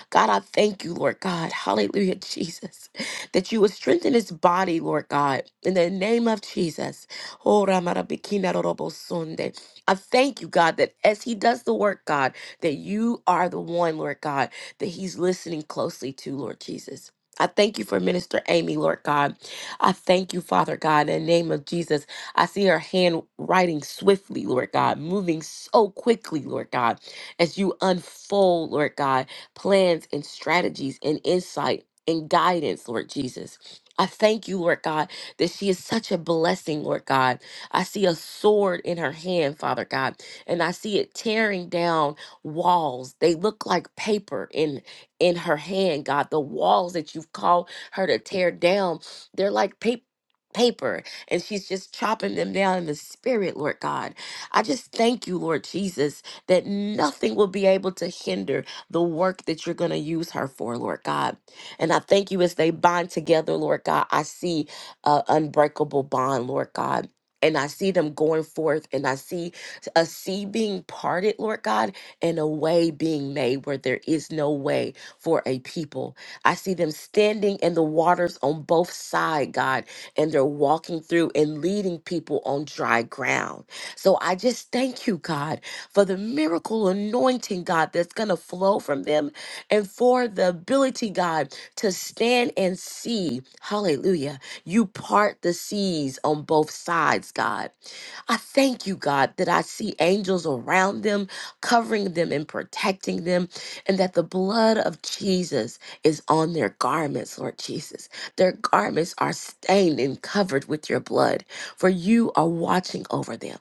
[SPEAKER 14] God, I thank you, Lord God. Hallelujah, [LAUGHS] Jesus, that you would strengthen his body, Lord God, in the name of Jesus. Oh, Ramarabikina Rorobosunde. I thank you, God, that as he does the work, God, that you are the one, Lord God, that he's listening closely to, Lord Jesus. I thank you for Minister Amy, Lord God. I thank you, Father God, in the name of Jesus. I see her hand writing swiftly, Lord God, moving so quickly, Lord God, as you unfold, Lord God plans and strategies and insight and guidance, Lord Jesus. I thank you, Lord God, that she is such a blessing, Lord God. I see a sword in her hand, Father God, and I see it tearing down walls. They look like paper in in her hand, God. The walls that you've called her to tear down, they're like paper. Paper and she's just chopping them down in the spirit, Lord God. I just thank you, Lord Jesus, that nothing will be able to hinder, the work that you're going to use her for, Lord God. And I thank you as they bond together, Lord God. I see an unbreakable bond, Lord God. And I see them going forth, and I see a sea being parted, Lord God, and a way being made where there is no way for a people. I see them standing in the waters on both sides, God, and they're walking through and leading people on dry ground. So I just thank you, God for the miracle anointing, God, that's going to flow from them and for the ability, God, to stand and see. Hallelujah. You part the seas on both sides, God. I thank you, God, that I see angels around them, covering them and protecting them, and that the blood of Jesus is on their garments, Lord Jesus. Their garments are stained and covered with your blood, for you are watching over them.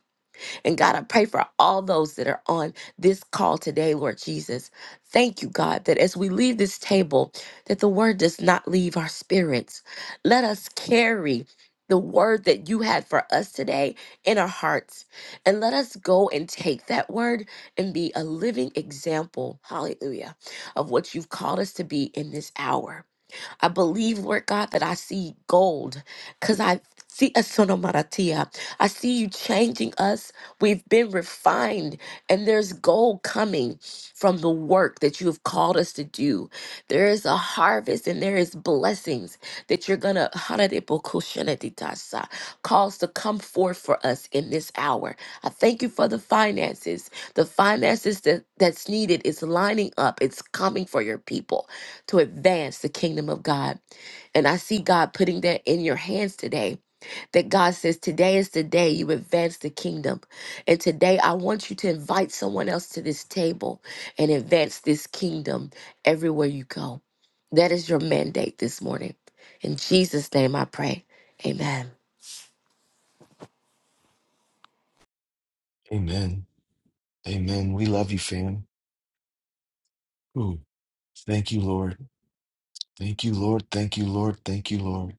[SPEAKER 14] And God, I pray for all those that are on this call today, Lord Jesus. Thank you, God, that as we leave this table, that the word does not leave our spirits. Let us carry the word that you had for us today in our hearts. And let us go and take that word and be a living example, hallelujah, of what you've called us to be in this hour. I believe, Lord God, that I see gold because I see a sonomaratia. I see you changing us. We've been refined, and there's gold coming from the work that you have called us to do. There is a harvest and there is blessings that you're going to cause to come forth for us in this hour. I thank you for the finances. The finances that, that's needed is lining up, it's coming for your people to advance the kingdom of God. And I see God putting that in your hands today. That God says, Today is the day you advance the kingdom. And today I want you to invite someone else to this table and advance this kingdom everywhere you go. That is your mandate this morning. In Jesus' name I pray. Amen.
[SPEAKER 2] Amen. Amen. We love you, fam. Ooh. Thank you, Lord. Thank you, Lord. Thank you, Lord. Thank you, Lord.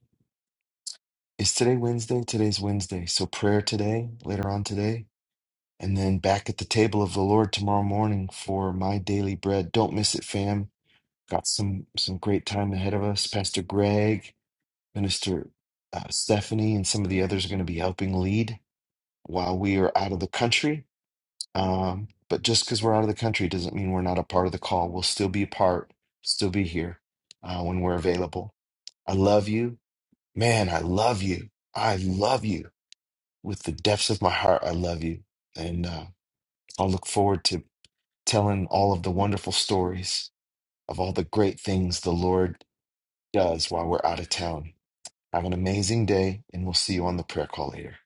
[SPEAKER 2] Is today Wednesday? Today's Wednesday. So prayer today, later on today, and then back at the table of the Lord tomorrow morning for my daily bread. Don't miss it, fam. Got some some great time ahead of us. Pastor Greg, Minister uh, Stephanie, and some of the others are going to be helping lead while we are out of the country. Um, but just because we're out of the country doesn't mean we're not a part of the call. We'll still be a part, still be here uh, when we're available. I love you, man. I love you. I love you with the depths of my heart. I love you, and uh, I'll look forward to telling all of the wonderful stories of all the great things the Lord does while we're out of town. Have an amazing day, and we'll see you on the prayer call later.